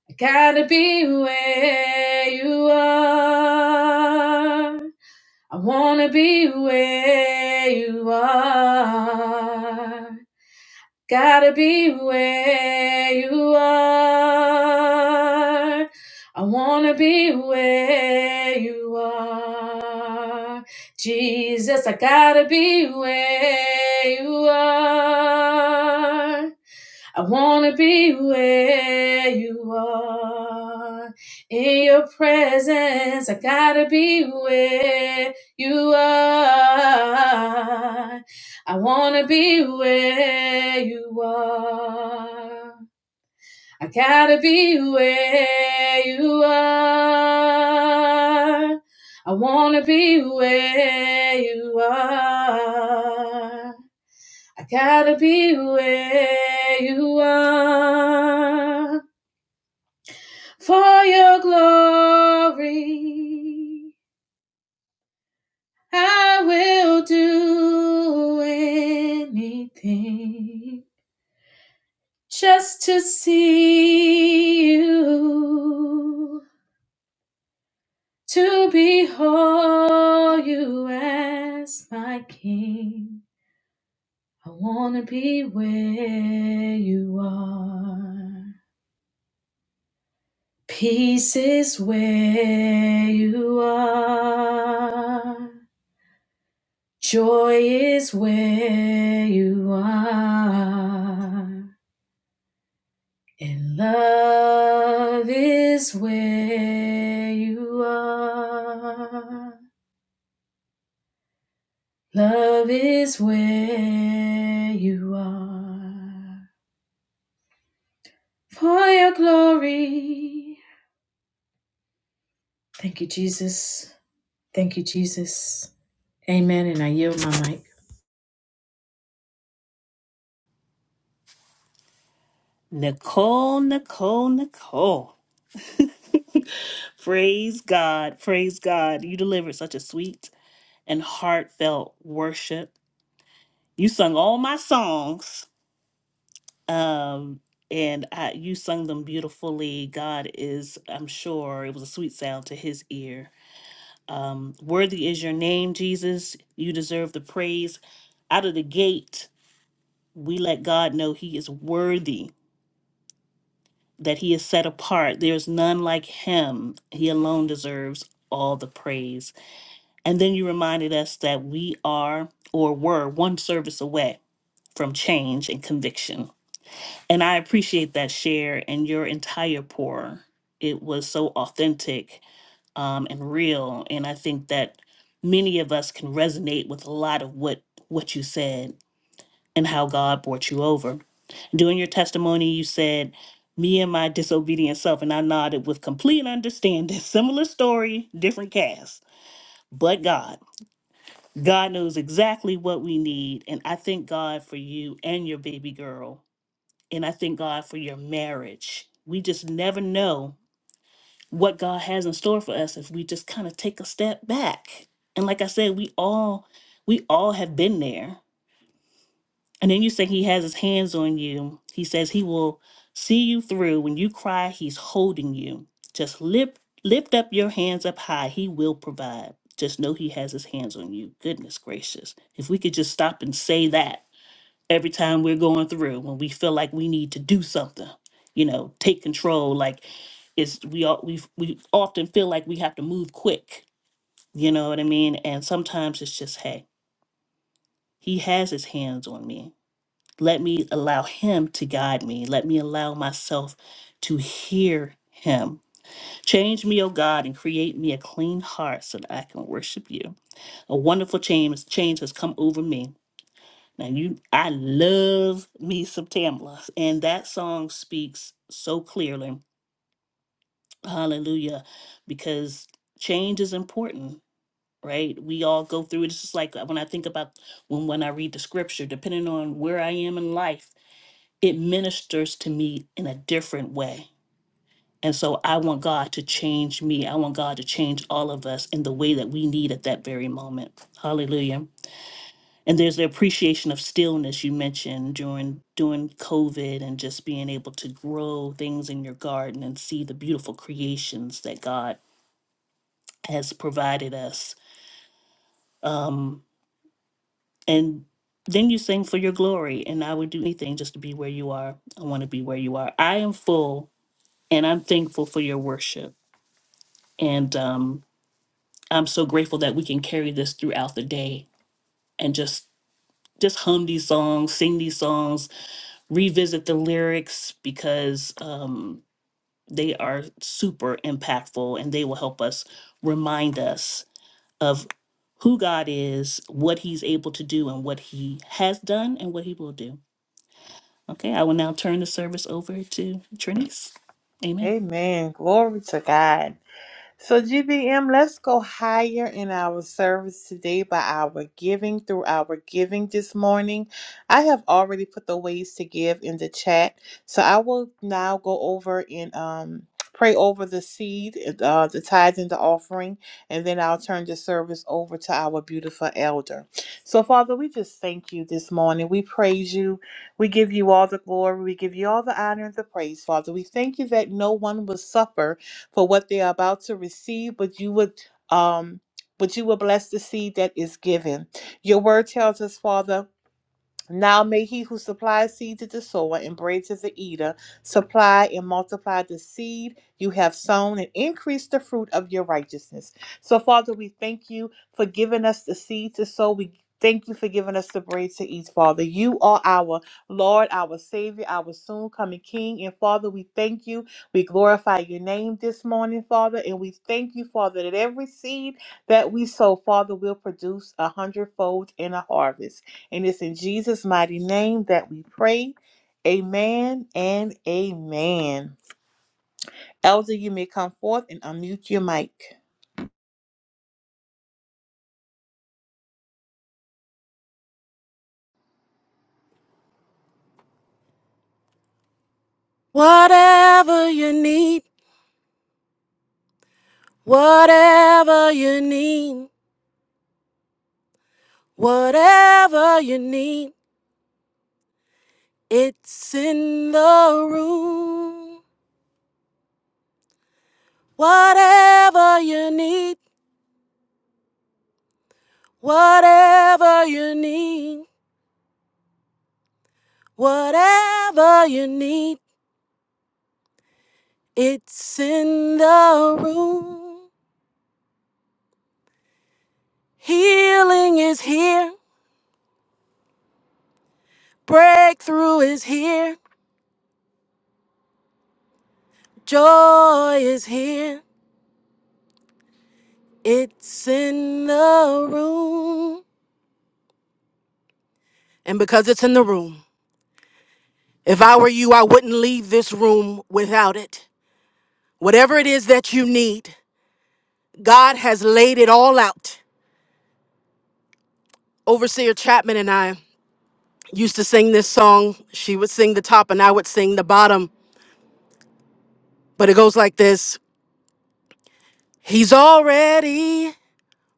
S3: I gotta be where you are. I wanna be where you are. Gotta be where you are. I wanna be where you are. Jesus, I gotta be where you are. I want to be where you are. In your presence, I got to be where you are. I want to be where you are. I got to be where you are. I want to be where you are. I gotta be where you are for your glory. I will do anything just to see you, to behold you as my king. I wanna be where you are. Peace is where you are. Joy is where you are. And love is where you are. Love is where you are. For your glory. Thank you, Jesus. Thank you, Jesus. Amen. And I yield my mic.
S1: Nicole, Nicole, Nicole. Praise God. Praise God. You delivered such a sweet and heartfelt worship. You sung all my songs. Um, and I, you sung them beautifully. God is, I'm sure, it was a sweet sound to his ear. Um, worthy is your name, Jesus. You deserve the praise out of the gate. we let God know He is worthy, that He is set apart. There's none like Him. He alone deserves all the praise. And then you reminded us that we are or were one service away from change and conviction. And I appreciate that share and your entire pour. It was so authentic um, and real. And I think that many of us can resonate with a lot of what what you said and how God brought you over. During your testimony, you said, Me and my disobedient self, and I nodded with complete understanding. Similar story, different cast, but God. God knows exactly what we need. And I thank God for you and your baby girl. And I thank God for your marriage. We just never know what God has in store for us if we just kind of take a step back. And like I said, we all we all have been there. And then you say he has his hands on you. He says he will see you through. When you cry, he's holding you. Just lift lift up your hands up high. He will provide. Just know he has his hands on you. Goodness gracious. If we could just stop and say that every time we're going through when we feel like we need to do something, you know, take control like it's we all we we often feel like we have to move quick. You know what I mean? And sometimes it's just hey, he has his hands on me let me allow Him to guide me. Let me allow myself to hear Him. Change me, O God, and create me a clean heart so that I can worship you. A wonderful change, change has come over me. Now you I love me some Tamla. And that song speaks so clearly. Hallelujah. Because change is important, right? We all go through it. It's just like when I think about when when I read the scripture, depending on where I am in life it ministers to me in a different way. And so I want God to change me. I want God to change all of us in the way that we need at that very moment. Hallelujah. And there's the appreciation of stillness you mentioned during during COVID and just being able to grow things in your garden and see the beautiful creations that God has provided us. Um, and then you sing for your glory, and I would do anything just to be where you are. I want to be where you are. I am full And I'm thankful for your worship. And um, I'm so grateful that we can carry this throughout the day and just just hum these songs, sing these songs, revisit the lyrics because um, they are super impactful and they will help us remind us of who God is, what He's able to do, and what He has done and what He will do. Okay, I will now turn the service over to Trinice. Amen.
S2: Amen. Glory to God. So, GBM, let's go higher in our service today by our giving through our giving this morning. I have already put the ways to give in the chat. So, I will now go over and um, pray over the seed, uh, the tithes, and the offering, and then I'll turn the service over to our beautiful elder. So, Father, we just thank you this morning. We praise you. We give you all the glory. We give you all the honor and the praise, Father. We thank you that no one will suffer for what they are about to receive, but you would um but you will bless the seed that is given. Your word tells us, Father, now may he who supplies seed to the sower and bread to the eater supply and multiply the seed you have sown and increase the fruit of your righteousness. So, Father, we thank you for giving us the seed to sow. We thank you for giving us the bread to eat, Father. You are our Lord, our Savior, our soon coming King. And, Father, we thank you. We glorify your name this morning, Father. And we thank you, Father, that every seed that we sow, Father, will produce a hundredfold in a harvest. And it's in Jesus' mighty name that we pray. Amen and amen. Elder, you may come forth and unmute your mic.
S4: Whatever you need, whatever you need, whatever you need, it's in the room. Whatever you need, whatever you need, whatever you need, it's in the room. Healing is here, breakthrough is here, joy is here, it's in the room. And because it's in the room, if I were you, I wouldn't leave this room without it. Whatever it is that you need, God has laid it all out. Overseer Chapman and I used to sing this song. She would sing the top and I would sing the bottom. But it goes like this He's already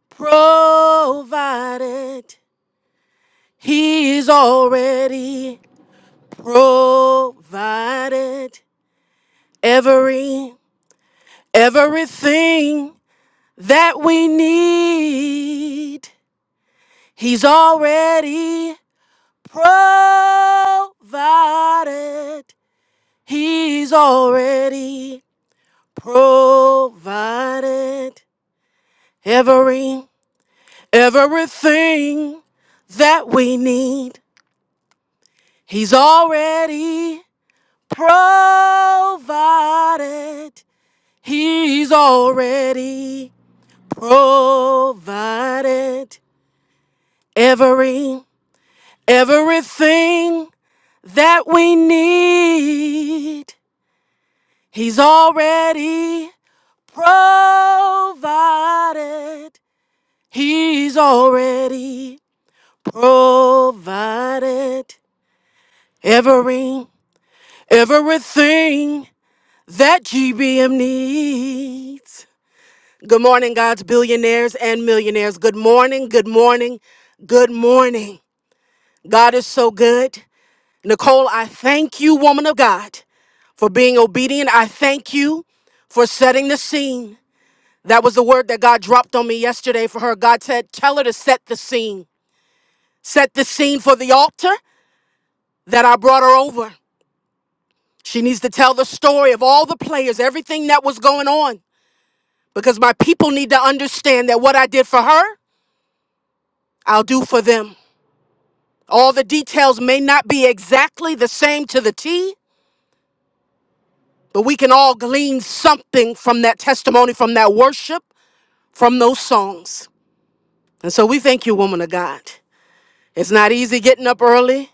S4: provided. He's already provided every everything that we need. He's already provided. He's already provided every everything that we need. He's already provided. He's already provided every Everything that we need, He's already provided. He's already provided. Every, everything that GBM needs. Good morning, God's billionaires and millionaires. Good morning, good morning, good morning. God is so good. Nicole, I thank you, woman of God, for being obedient. I thank you for setting the scene. That was the word that God dropped on me yesterday for her. God said, Tell her to set the scene. Set the scene for the altar that I brought her over. She needs to tell the story of all the players, everything that was going on, because my people need to understand that what I did for her, I'll do for them. All the details may not be exactly the same to the T, But we can all glean something from that testimony, from that worship, from those songs. And so we thank you, woman of God. It's not easy getting up early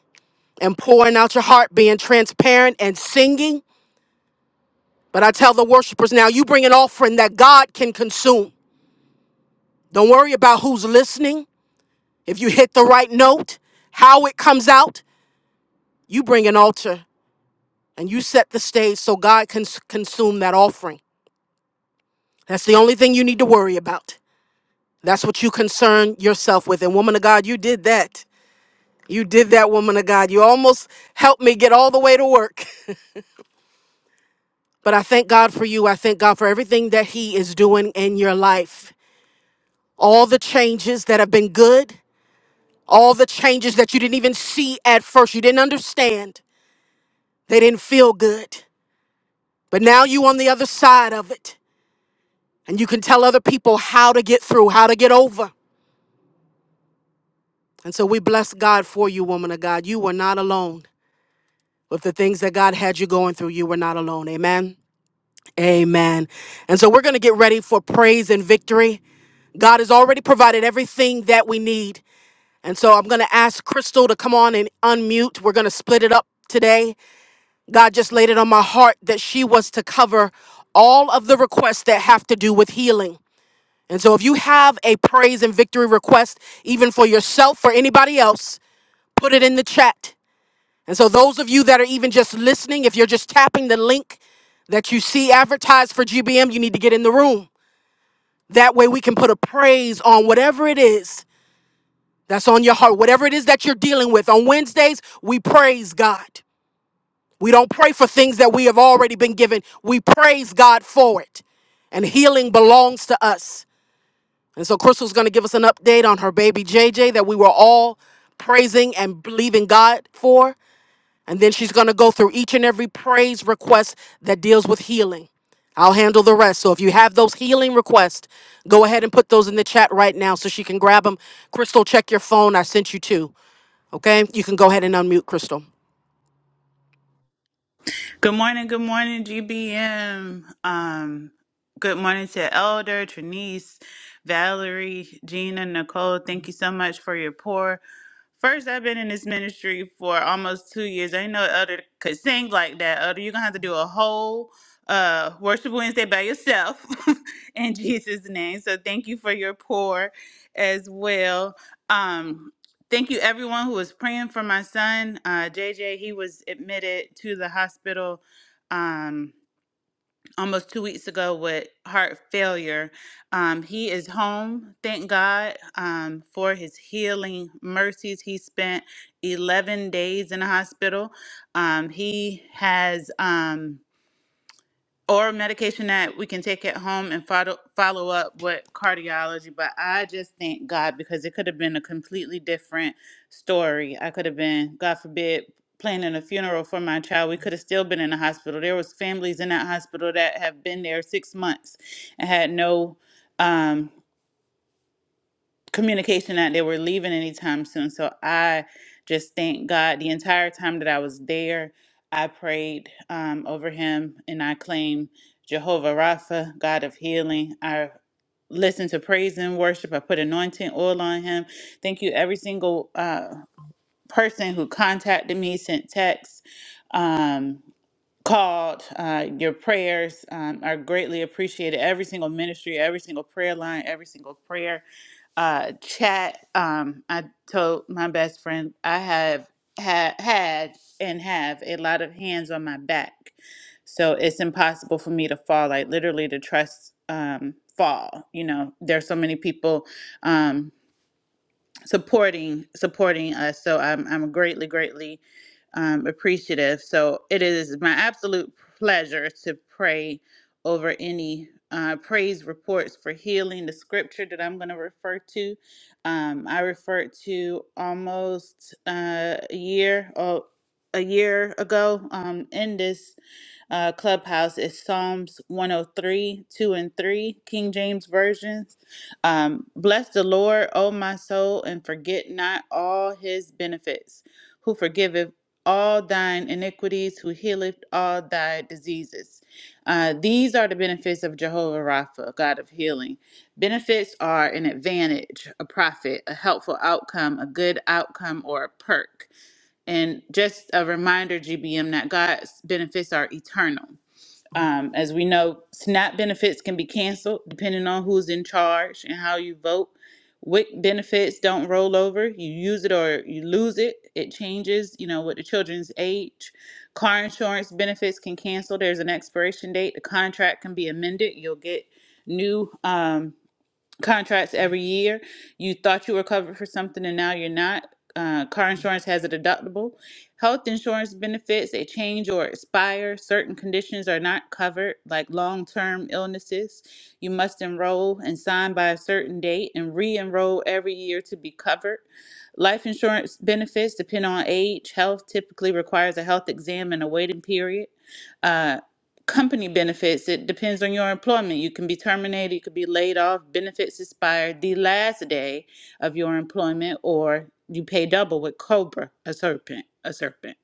S4: and pouring out your heart, being transparent and singing. But I tell the worshipers now, you bring an offering that God can consume. Don't worry about who's listening. If you hit the right note, how it comes out, you bring an altar and you set the stage so God can s- consume that offering. That's the only thing you need to worry about. That's what you concern yourself with. And woman of God, you did that. You did that, woman of God. You almost helped me get all the way to work. But I thank God for you. I thank God for everything that He is doing in your life. All the changes that have been good, all the changes that you didn't even see at first. You didn't understand. They didn't feel good. But now you on the other side of it. And you can tell other people how to get through, how to get over. And so we bless God for you, woman of God. You were not alone. with the things that God had you going through, you were not alone. Amen. Amen. And so we're going to get ready for praise and victory. God has already provided everything that we need. And so I'm going to ask Crystal to come on and unmute. We're going to split it up today. God just laid it on my heart that she was to cover all of the requests that have to do with healing. And so if you have a praise and victory request, even for yourself or anybody else, put it in the chat and so, those of you that are even just listening, if you're just tapping the link that you see advertised for GBM, you need to get in the room. That way, we can put a praise on whatever it is that's on your heart, whatever it is that you're dealing with. On Wednesdays, we praise God. We don't pray for things that we have already been given, we praise God for it. And healing belongs to us. And so, Crystal's going to give us an update on her baby JJ that we were all praising and believing God for. And then she's going to go through each and every praise request that deals with healing. I'll handle the rest. So if you have those healing requests, go ahead and put those in the chat right now so she can grab them. Crystal, check your phone. I sent you two. Okay? You can go ahead and unmute Crystal.
S5: Good morning, good morning, GBM. Um, good morning to Elder, Trinice, Valerie, Gina, Nicole. Thank you so much for your pour. First, I've been in this ministry for almost two years. I didn't know Elder could sing like that. Elder, you're gonna have to do a whole uh worship Wednesday by yourself in Jesus' name. So thank you for your pour as well. Um Thank you, everyone who was praying for my son, uh, JJ. He was admitted to the hospital um, almost two weeks ago with heart failure. Um, he is home. Thank God um, for his healing mercies. He spent 11 days in the hospital. Um, he has. Um, or medication that we can take at home and follow follow up with cardiology. But I just thank God because it could have been a completely different story. I could have been, God forbid, planning a funeral for my child. We could have still been in the hospital. There was families in that hospital that have been there six months and had no. Um, communication that they were leaving anytime soon. So I just thank God the entire time that I was there. I prayed um, over him and I claimed Jehovah Rapha, God of healing. I listened to praise and worship. I put anointing oil on him. Thank you, every single uh, person who contacted me, sent texts. Um, called. Uh, your prayers um, are greatly appreciated. Every single ministry, every single prayer line, every single prayer uh, chat. Um, I told my best friend I have ha- had and have a lot of hands on my back, so it's impossible for me to fall. Like literally, to trust um, fall. You know, there's so many people. Um, supporting supporting us. So I'm I'm greatly greatly um, appreciative. So it is my absolute pleasure to pray over any uh, praise reports for healing. The scripture that I'm going to refer to, um, I referred to almost uh, a year or a year ago um, in this uh, clubhouse. It's Psalms 103, 2 and 3, King James Version. Um, bless the Lord, O my soul, and forget not all his benefits, who forgiveth all thine iniquities, who healeth all thy diseases. Uh, these are the benefits of Jehovah Rapha, God of healing. Benefits are an advantage, a profit, a helpful outcome, a good outcome, or a perk. And just a reminder, GBM, that God's benefits are eternal. Um, as we know, SNAP benefits can be canceled depending on who's in charge and how you vote. WIC benefits don't roll over. You use it or you lose it. It changes, you know, with the children's age. Car insurance benefits can cancel. There's an expiration date. The contract can be amended. You'll get new. Um, contracts every year. You thought you were covered for something and now you're not. Uh, car insurance has a deductible. Health insurance benefits, they change or expire. Certain conditions are not covered, like long term illnesses. You must enroll and sign by a certain date and re enroll every year to be covered. Life insurance benefits depend on age. Health typically requires a health exam and a waiting period Uh, company benefits it depends on your employment you can be terminated you could be laid off benefits expire the last day of your employment or you pay double with cobra a serpent a serpent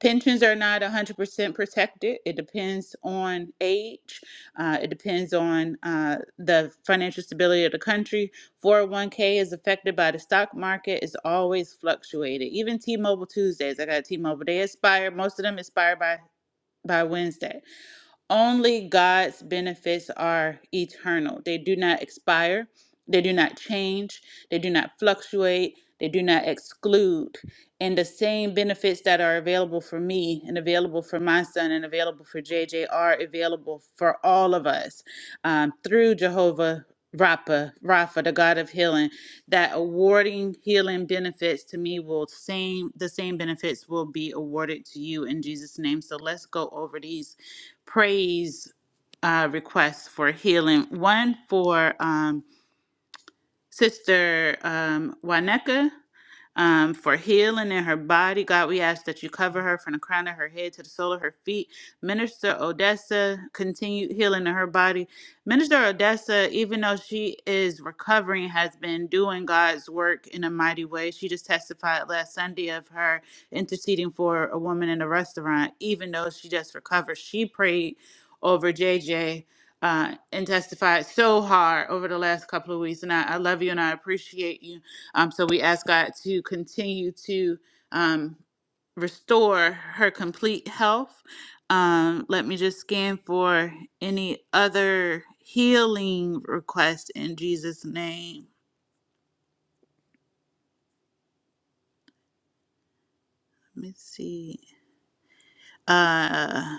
S5: pensions are not 100% protected it depends on age uh, it depends on uh, the financial stability of the country 401k is affected by the stock market it's always fluctuated even t-mobile tuesdays i got t-mobile they expire most of them expire by by wednesday only God's benefits are eternal. They do not expire, they do not change, they do not fluctuate, they do not exclude. And the same benefits that are available for me and available for my son and available for JJ are available for all of us um, through Jehovah. Rapha, Rapha, the God of healing, that awarding healing benefits to me will same the same benefits will be awarded to you in Jesus' name. So let's go over these praise uh, requests for healing. One for um, Sister um, Waneka um, for healing in her body. God, we ask that you cover her from the crown of her head to the sole of her feet. Minister Odessa, continue healing in her body. Minister Odessa, even though she is recovering, has been doing God's work in a mighty way. She just testified last Sunday of her interceding for a woman in a restaurant, even though she just recovered. She prayed over JJ uh, and testified so hard over the last couple of weeks. And I, I love you and I appreciate you. Um, so we ask God to continue to um, restore her complete health. Um, let me just scan for any other healing request in Jesus' name. Let me see. Uh,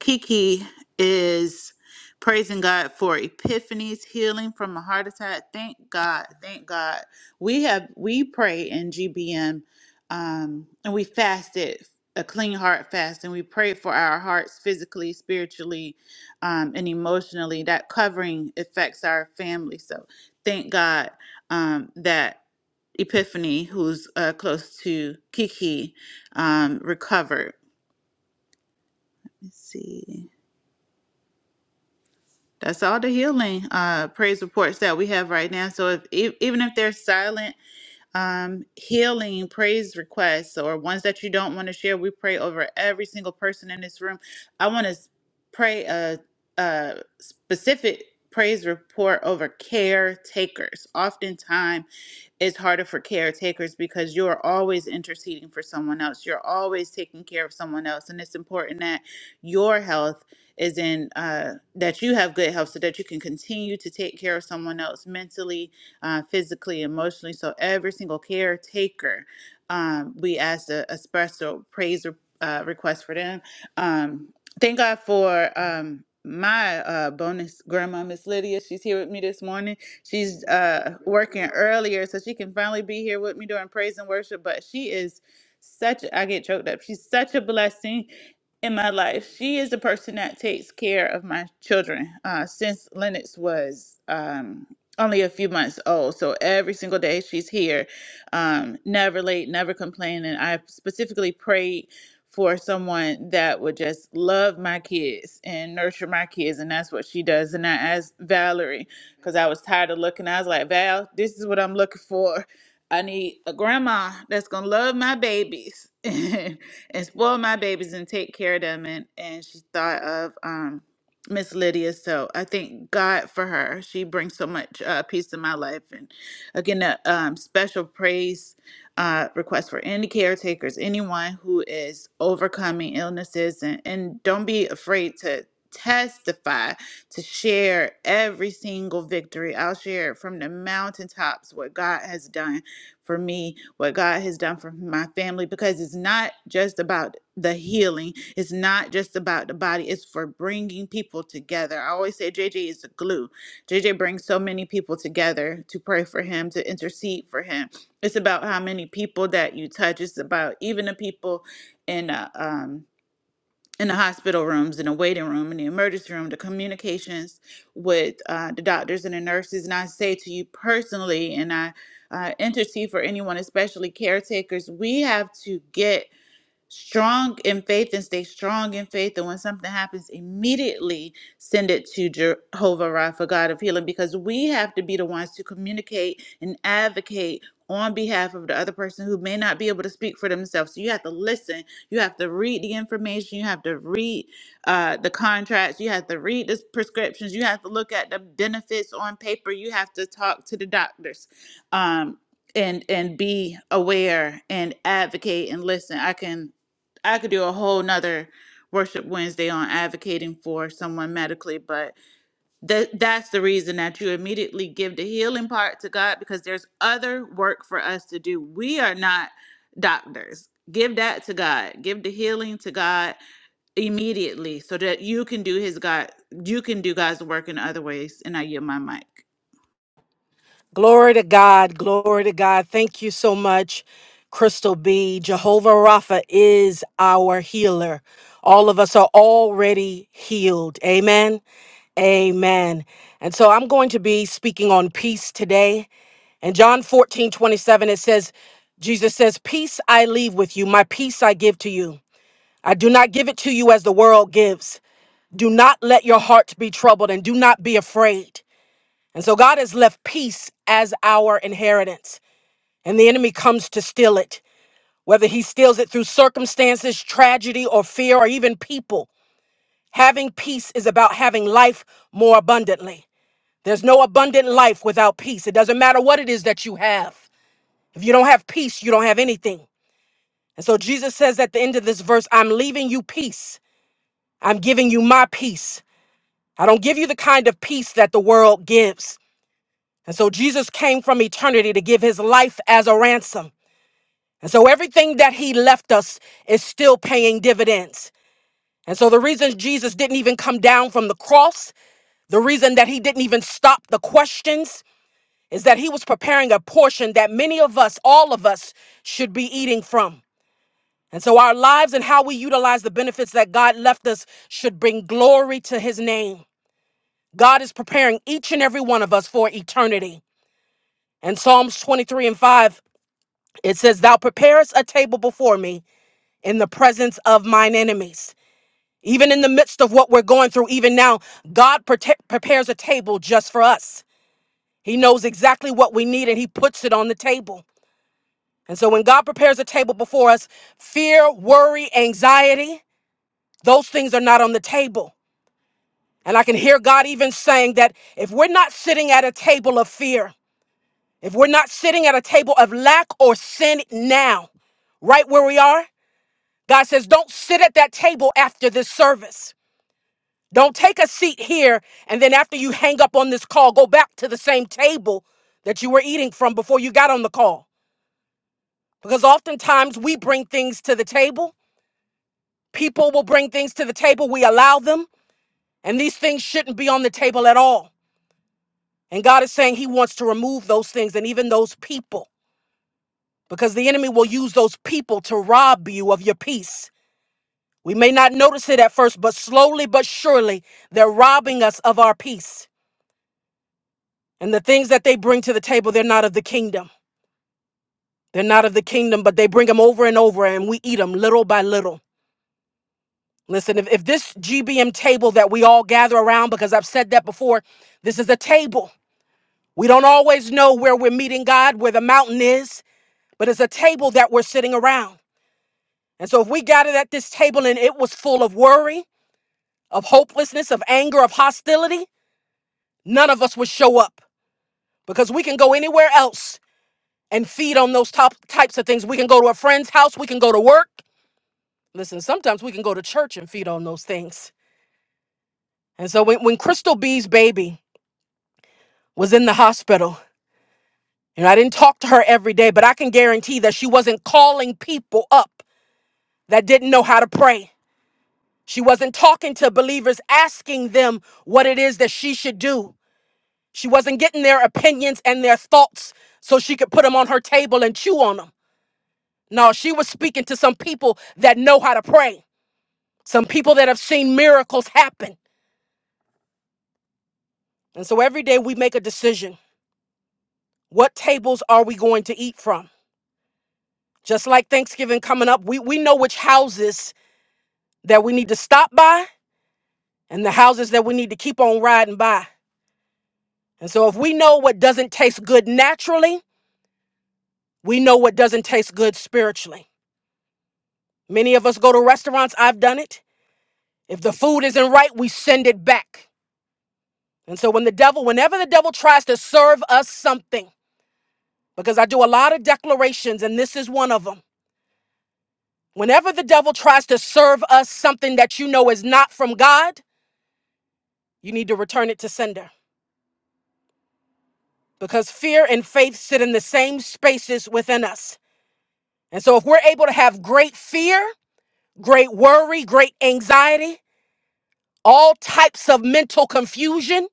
S5: Kiki is praising God for Epiphany's healing from a heart attack. Thank God. Thank God. We have we pray in GBM um and we fasted a clean heart fast and we pray for our hearts physically, spiritually, um, and emotionally. That covering affects our family. So thank God um that Epiphany, who's uh, close to Kiki, um, recovered. Let's see. That's all the healing uh, praise reports that we have right now. So if e- even if they're silent um, healing praise requests or ones that you don't want to share, we pray over every single person in this room. I want to pray a, a specific praise report over caretakers. Oftentimes it's harder for caretakers because you are always interceding for someone else. You're always taking care of someone else. And it's important that your health is in, uh, that you have good health so that you can continue to take care of someone else mentally, uh, physically, emotionally. So every single caretaker, um, we asked a, a special praise uh, request for them. Um, thank God for um, my uh, bonus grandma, Miss Lydia. She's here with me this morning She's uh, working earlier so she can finally be here with me during praise and worship. But she is such, I get choked up. She's such a blessing in my life. She is the person that takes care of my children uh, since Lennox was um, only a few months old. So every single day she's here, um, never late, never complaining. I specifically prayed for someone that would just love my kids and nurture my kids, and that's what she does. And I asked Valerie because I was tired of looking. I was like, Val, this is what I'm looking for. I need a grandma that's gonna love my babies and spoil my babies and take care of them. And and she thought of um Miss Lydia. So I thank God for her. She brings so much uh, peace to my life. And again, a um, special praise uh, request for any caretakers, anyone who is overcoming illnesses, and, and don't be afraid to testify to share every single victory. I'll share it from the mountaintops what God has done for me, what God has done for my family, because it's not just about the healing, it's not just about the body, it's for bringing people together. I always say JJ is the glue. JJ brings so many people together to pray for him, to intercede for him. It's about how many people that you touch, it's about even the people in a um in the hospital rooms, in the waiting room, in the emergency room, the communications with uh, the doctors and the nurses. And I say to you personally, and I uh, intercede for anyone, especially caretakers, we have to get strong in faith and stay strong in faith. And when something happens, immediately send it to Jehovah Rapha, God of healing, because we have to be the ones to communicate and advocate on behalf of the other person who may not be able to speak for themselves. So you have to listen. You have to read the information. You have to read uh, the contracts. You have to read the prescriptions. You have to look at the benefits on paper. You have to talk to the doctors. Um, and and be aware and advocate and listen. I can I could do a whole nother worship Wednesday on advocating for someone medically, but that that's the reason that you immediately give the healing part to God because there's other work for us to do. We are not doctors. Give that to God. Give the healing to God immediately so that you can do his God you can do God's work in other ways. And I yield my mic.
S4: Glory to God. Glory to God. Thank you so much, Crystal B. Jehovah Rapha is our healer. All of us are already healed. Amen. Amen. And so I'm going to be speaking on peace today. In John 14 27, it says, Jesus says, Peace I leave with you, my peace I give to you. I do not give it to you as the world gives. Do not let your hearts be troubled and do not be afraid. And so God has left peace as our inheritance, and the enemy comes to steal it, whether he steals it through circumstances, tragedy, or fear, or even people. Having peace is about having life more abundantly. There's no abundant life without peace. It doesn't matter what it is that you have. If you don't have peace, you don't have anything. And so Jesus says at the end of this verse, I'm leaving you peace. I'm giving you my peace. I don't give you the kind of peace that the world gives. And so Jesus came from eternity to give his life as a ransom. And so everything that he left us is still paying dividends. And so the reason Jesus didn't even come down from the cross, the reason that he didn't even stop the questions, is that he was preparing a portion that many of us, all of us, should be eating from. And so our lives and how we utilize the benefits that God left us should bring glory to his name. God is preparing each and every one of us for eternity. In Psalms 23 and 5, it says, Thou preparest a table before me in the presence of mine enemies. Even in the midst of what we're going through, even now, God prote- prepares a table just for us. He knows exactly what we need and He puts it on the table. And so when God prepares a table before us, fear, worry, anxiety, those things are not on the table. And I can hear God even saying that if we're not sitting at a table of fear, if we're not sitting at a table of lack or sin now, right where we are, God says, don't sit at that table after this service. Don't take a seat here and then after you hang up on this call, go back to the same table that you were eating from before you got on the call. Because oftentimes we bring things to the table, people will bring things to the table, we allow them, and these things shouldn't be on the table at all. And God is saying He wants to remove those things and even those people because the enemy will use those people to rob you of your peace. We may not notice it at first, but slowly but surely, they're robbing us of our peace. And the things that they bring to the table, they're not of the kingdom. They're not of the kingdom, but they bring them over and over, and we eat them little by little. Listen, if, if this GBM table that we all gather around, because I've said that before, this is a table. We don't always know where we're meeting God, where the mountain is, but it's a table that we're sitting around. And so if we gathered at this table and it was full of worry, of hopelessness, of anger, of hostility, none of us would show up because we can go anywhere else and feed on those top types of things. We can go to a friend's house, we can go to work. Listen, sometimes we can go to church and feed on those things. And so when, when Crystal B's baby was in the hospital, and I didn't talk to her every day, but I can guarantee that she wasn't calling people up that didn't know how to pray. She wasn't talking to believers, asking them what it is that she should do. She wasn't getting their opinions and their thoughts so she could put them on her table and chew on them. No, she was speaking to some people that know how to pray, some people that have seen miracles happen. And so every day we make a decision what tables are we going to eat from? Just like Thanksgiving coming up, we, we know which houses that we need to stop by and the houses that we need to keep on riding by. And so if we know what doesn't taste good naturally, we know what doesn't taste good spiritually. Many of us go to restaurants, I've done it. If the food isn't right, we send it back. And so when the devil, whenever the devil tries to serve us something, because I do a lot of declarations and this is one of them. Whenever the devil tries to serve us something that you know is not from God, you need to return it to sender because fear and faith sit in the same spaces within us. And so if we're able to have great fear, great worry, great anxiety, all types of mental confusion,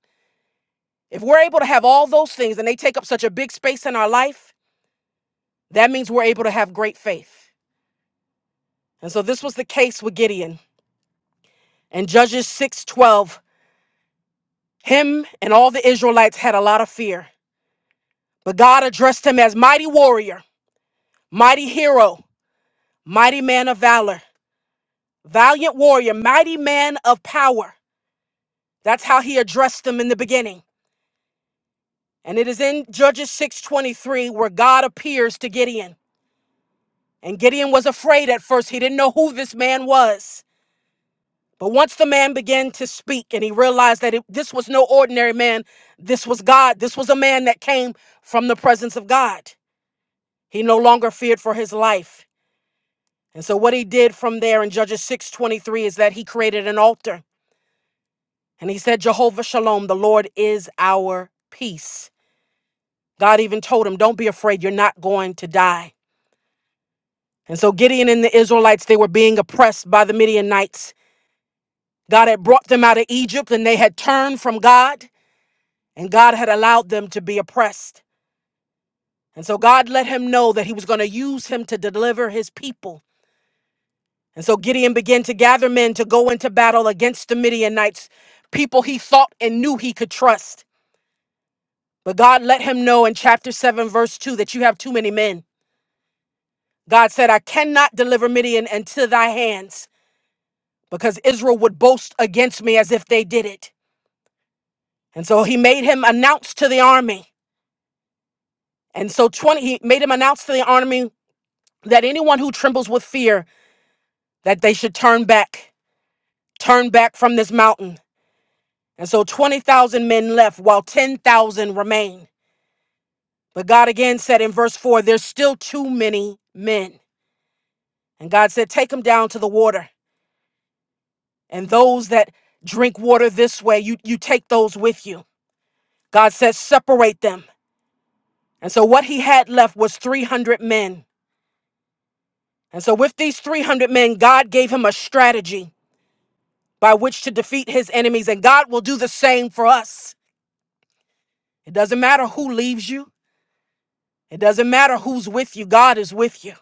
S4: if we're able to have all those things and they take up such a big space in our life, That means we're able to have great faith. And so this was the case with Gideon. In Judges 6:12, him and all the Israelites had a lot of fear, but God addressed him as mighty warrior, mighty hero, mighty man of valor, valiant warrior, mighty man of power. That's how he addressed them in the beginning. And it is in Judges 6:23 where God appears to Gideon. And Gideon was afraid at first. He didn't know who this man was. But once the man began to speak and he realized that it, this was no ordinary man, this was God, this was a man that came from the presence of God, he no longer feared for his life. And so what he did from there in Judges 6:23 is that he created an altar and he said Jehovah Shalom, the Lord is our peace. God even told him, don't be afraid, you're not going to die. And so Gideon and the Israelites, they were being oppressed by the Midianites. God had brought them out of Egypt and they had turned from God. and God had allowed them to be oppressed. And so God let him know that he was going to use him to deliver his people. And so Gideon began to gather men to go into battle against the Midianites, people he thought and knew he could trust. But God let him know in chapter 7, verse 2, that you have too many men. God said, I cannot deliver Midian into thy hands because Israel would boast against me as if they did it. And so he made him announce to the army. And so 20, he made him announce to the army that anyone who trembles with fear that they should turn back, turn back from this mountain. And so 20,000 men left while 10,000 remained. But God again said in verse 4, there's still too many men. And God said, take them down to the water. And those that drink water this way, you, you take those with you. God says, separate them. And so what he had left was 300 men. And so with these 300 men, God gave him a strategy by which to defeat his enemies. And God will do the same for us. It doesn't matter who leaves you. It doesn't matter who's with you, God is with you.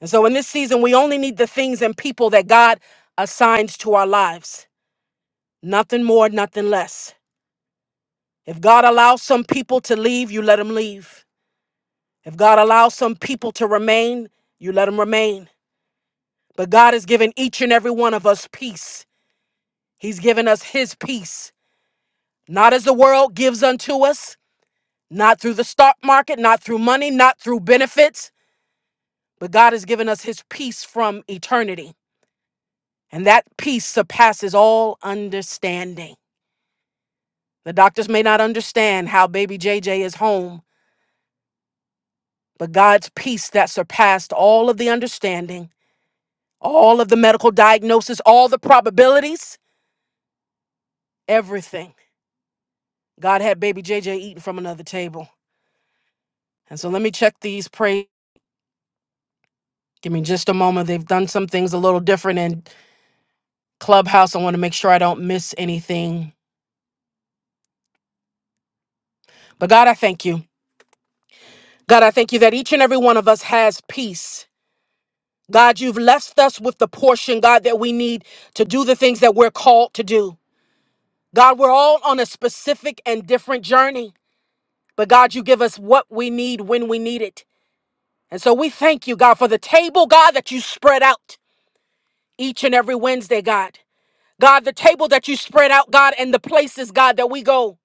S4: And so in this season, we only need the things and people that God assigns to our lives. Nothing more, nothing less. If God allows some people to leave, you let them leave. If God allows some people to remain, you let them remain. But God has given each and every one of us peace. He's given us His peace, not as the world gives unto us, not through the stock market, not through money, not through benefits, but God has given us His peace from eternity. And that peace surpasses all understanding. The doctors may not understand how baby JJ is home, but God's peace that surpassed all of the understanding, all of the medical diagnosis, all the probabilities, everything. God had baby JJ eating from another table. And so let me check these praise. Give me just a moment. They've done some things a little different in Clubhouse. I want to make sure I don't miss anything. But God, I thank you. God, I thank you that each and every one of us has peace God, you've left us with the portion, God, that we need to do the things that we're called to do. God, we're all on a specific and different journey, but God, you give us what we need when we need it. And so we thank you, God, for the table, God, that you spread out each and every Wednesday, God. God, the table that you spread out, God, and the places, God, that we go.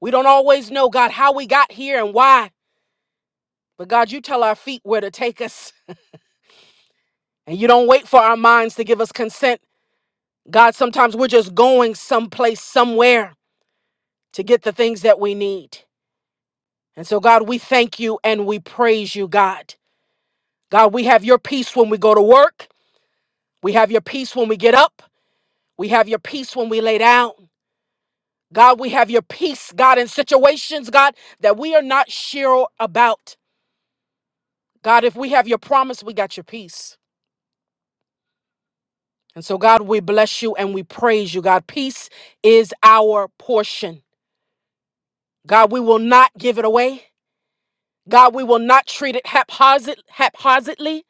S4: We don't always know, God, how we got here and why, but God, you tell our feet where to take us. And you don't wait for our minds to give us consent. God, sometimes we're just going someplace, somewhere to get the things that we need. And so, God, we thank you and we praise you, God. God, we have your peace when we go to work. We have your peace when we get up. We have your peace when we lay down. God, we have your peace, God, in situations, God, that we are not sure about. God, if we have your promise, we got your peace. And so, God, we bless you and we praise you, God. Peace is our portion. God, we will not give it away. God, we will not treat it haphazard, haphazardly.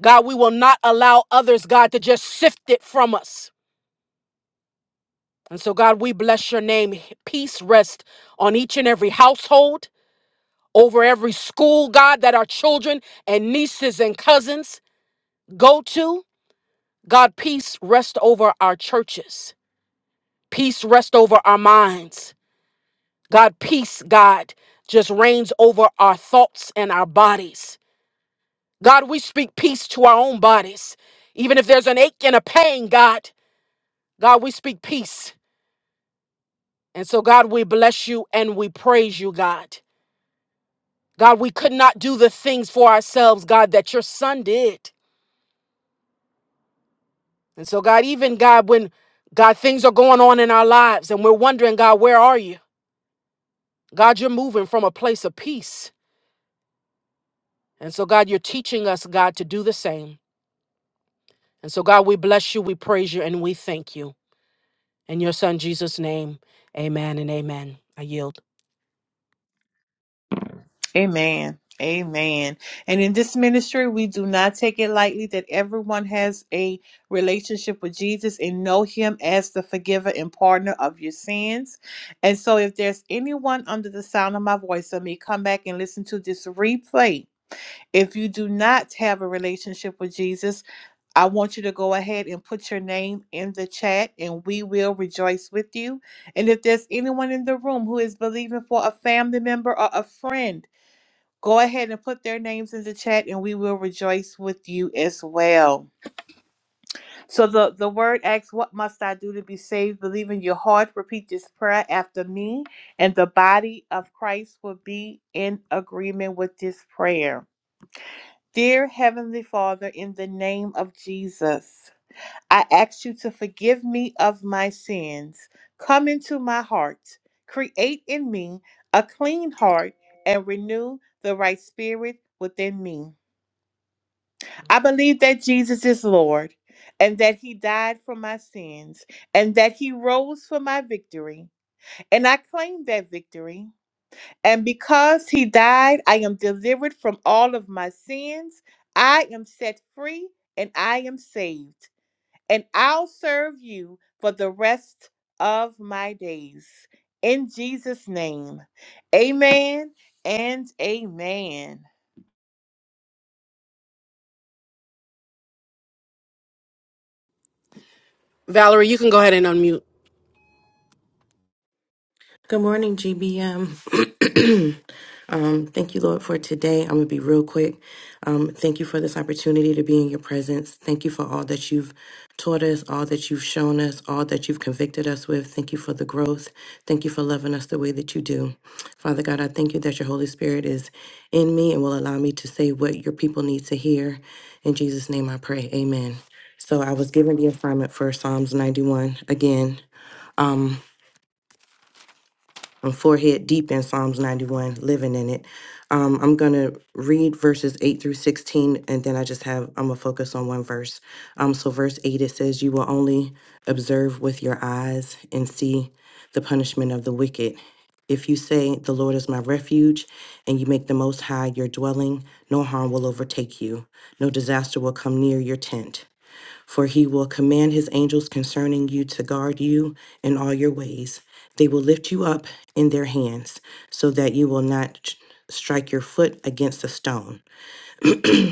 S4: God, we will not allow others, God, to just sift it from us. And so, God, we bless your name. Peace rest on each and every household, over every school, God, that our children and nieces and cousins go to. God, peace rest over our churches. Peace rest over our minds. God, peace, God, just reigns over our thoughts and our bodies. God, we speak peace to our own bodies. Even if there's an ache and a pain, God, God, we speak peace. And so, God, we bless you and we praise you, God. God, we could not do the things for ourselves, God, that your son did. And so, God, even God, when God, things are going on in our lives and we're wondering, God, where are you? God, you're moving from a place of peace. And so, God, you're teaching us, God, to do the same. And so, God, we bless you, we praise you, and we thank you. In your son, Jesus' name, amen and amen. I yield.
S2: Amen. Amen. And in this ministry, we do not take it lightly that everyone has a relationship with Jesus and know him as the forgiver and partner of your sins. And so, if there's anyone under the sound of my voice that may come back and listen to this replay, if you do not have a relationship with Jesus, I want you to go ahead and put your name in the chat and we will rejoice with you. And if there's anyone in the room who is believing for a family member or a friend, go ahead and put their names in the chat and we will rejoice with you as well. So the, the word asks, What must I do to be saved? Believe in your heart, repeat this prayer after me, and the body of Christ will be in agreement with this prayer. Dear Heavenly Father, in the name of Jesus. I ask you to forgive me of my sins. Come into my heart. Create in me a clean heart and renew the right spirit within me. I believe that Jesus is Lord and that he died for my sins and that he rose for my victory. And I claim that victory. And because he died, I am delivered from all of my sins. I am set free and I am saved and I'll serve you for the rest of my days. In Jesus' name, amen and amen.
S4: Valerie, you can go ahead and unmute.
S6: Good morning, GBM. um, thank you, Lord, for today. I'm going to be real quick. Um, thank you for this opportunity to be in your presence. Thank you for all that you've taught us, all that you've shown us, all that you've convicted us with. Thank you for the growth. Thank you for loving us the way that you do. Father God, I thank you that your Holy Spirit is in me and will allow me to say what your people need to hear. In Jesus' name I pray. Amen. So I was given the assignment for Psalms 91 again. Um, I'm forehead deep in Psalms 91, living in it. Um, I'm going to read verses 8 through 16, and then I just have, I'm going to focus on one verse. Um, so, verse 8, it says, You will only observe with your eyes and see the punishment of the wicked. If you say, 'The Lord is my refuge, and you make the Most High your dwelling, no harm will overtake you, no disaster will come near your tent. For he will command his angels concerning you to guard you in all your ways. They will lift you up in their hands, so that you will not ch- strike your foot against a stone.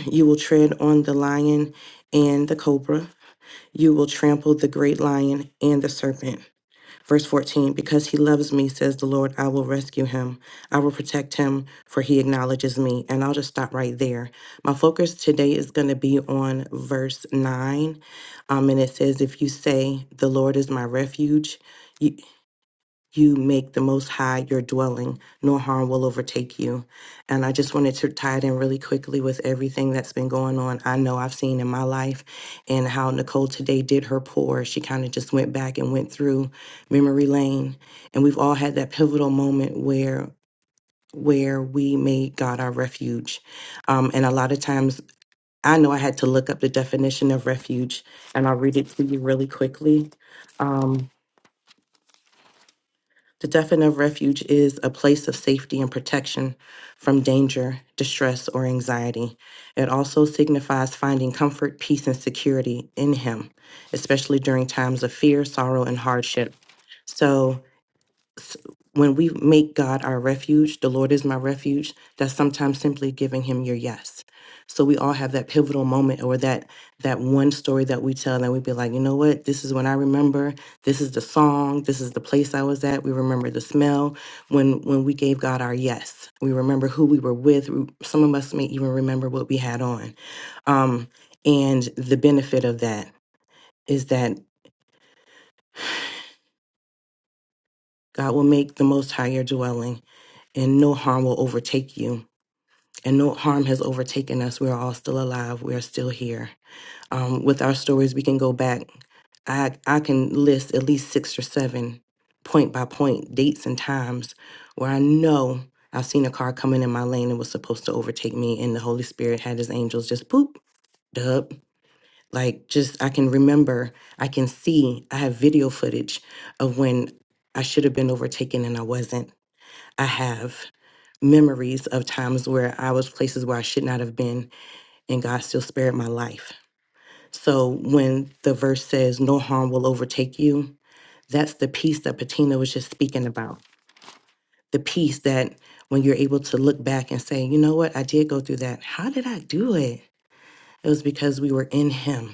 S6: You will tread on the lion and the cobra. You will trample the great lion and the serpent. Verse 14 Because he loves me, says the Lord, I will rescue him. I will protect him, for he acknowledges me. And I'll just stop right there. My focus today is going to be on verse 9. Um, and it says, If you say, The Lord is my refuge, you." you make the Most High your dwelling, nor harm will overtake you. And I just wanted to tie it in really quickly with everything that's been going on. I know I've seen in my life and how Nicole today did her pour. She kind of just went back and went through memory lane. And we've all had that pivotal moment where where we made God our refuge. Um, and a lot of times I know I had to look up the definition of refuge and I'll read it to you really quickly. Um, The definition of refuge is a place of safety and protection from danger, distress, or anxiety. It also signifies finding comfort, peace, and security in Him, especially during times of fear, sorrow, and hardship. So s- when we make God our refuge, the Lord is my refuge, that's sometimes simply giving him your yes. So we all have that pivotal moment or that that one story that we tell that we be like, you know what, this is when I remember, this is the song, this is the place I was at. We remember the smell when when we gave God our yes. We remember who we were with. We- Some of us may even remember what we had on. Um, and the benefit of that is that God will make the most high your dwelling and no harm will overtake you and no harm has overtaken us. We are all still alive. We are still here. Um, with our stories, we can go back. I I can list at least six or seven point by point dates and times where I know I've seen a car coming in my lane and was supposed to overtake me, and the Holy Spirit had His angels just boop dub. Like just I can remember, I can see. I have video footage of when I should have been overtaken and I wasn't. I have memories of times where I was places where I should not have been and God still spared my life. So when the verse says, No harm will overtake you, that's the peace that Patina was just speaking about. The peace that when you're able to look back and say, You know what? I did go through that. How did I do it? It was because we were in Him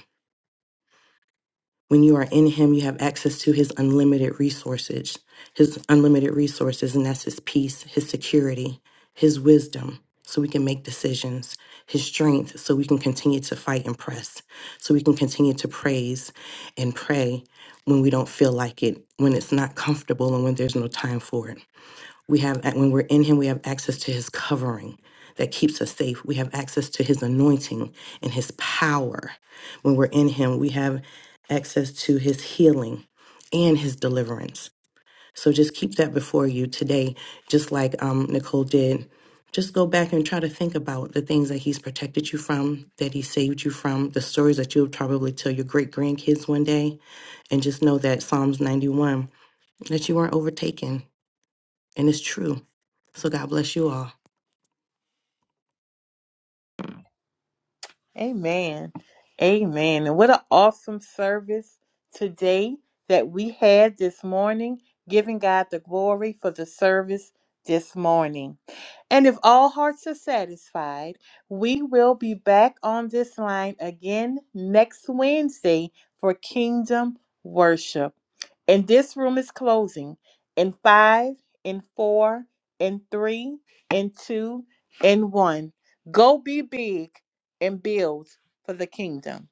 S6: When you are in Him, you have access to His unlimited resources, His unlimited resources, and that's His peace, His security, His wisdom, so we can make decisions, His strength, so we can continue to fight and press, so we can continue to praise and pray when we don't feel like it, when it's not comfortable, and when there's no time for it. We have, when we're in Him, we have access to His covering that keeps us safe. We have access to His anointing and His power. When we're in Him, we have access to His healing and His deliverance. So just keep that before you today, just like um, Nicole did. Just go back and try to think about the things that He's protected you from, that He saved you from, the stories that you'll probably tell your great grandkids one day. And just know that Psalms 91, that you weren't overtaken and it's true. So God bless you all.
S2: Amen. Amen. And what an awesome service today that we had this morning, giving God the glory for the service this morning. And if all hearts are satisfied, we will be back on this line again next Wednesday for Kingdom Worship. And this room is closing in five, in four, in three, in two, in one. Go be big and build for the kingdom.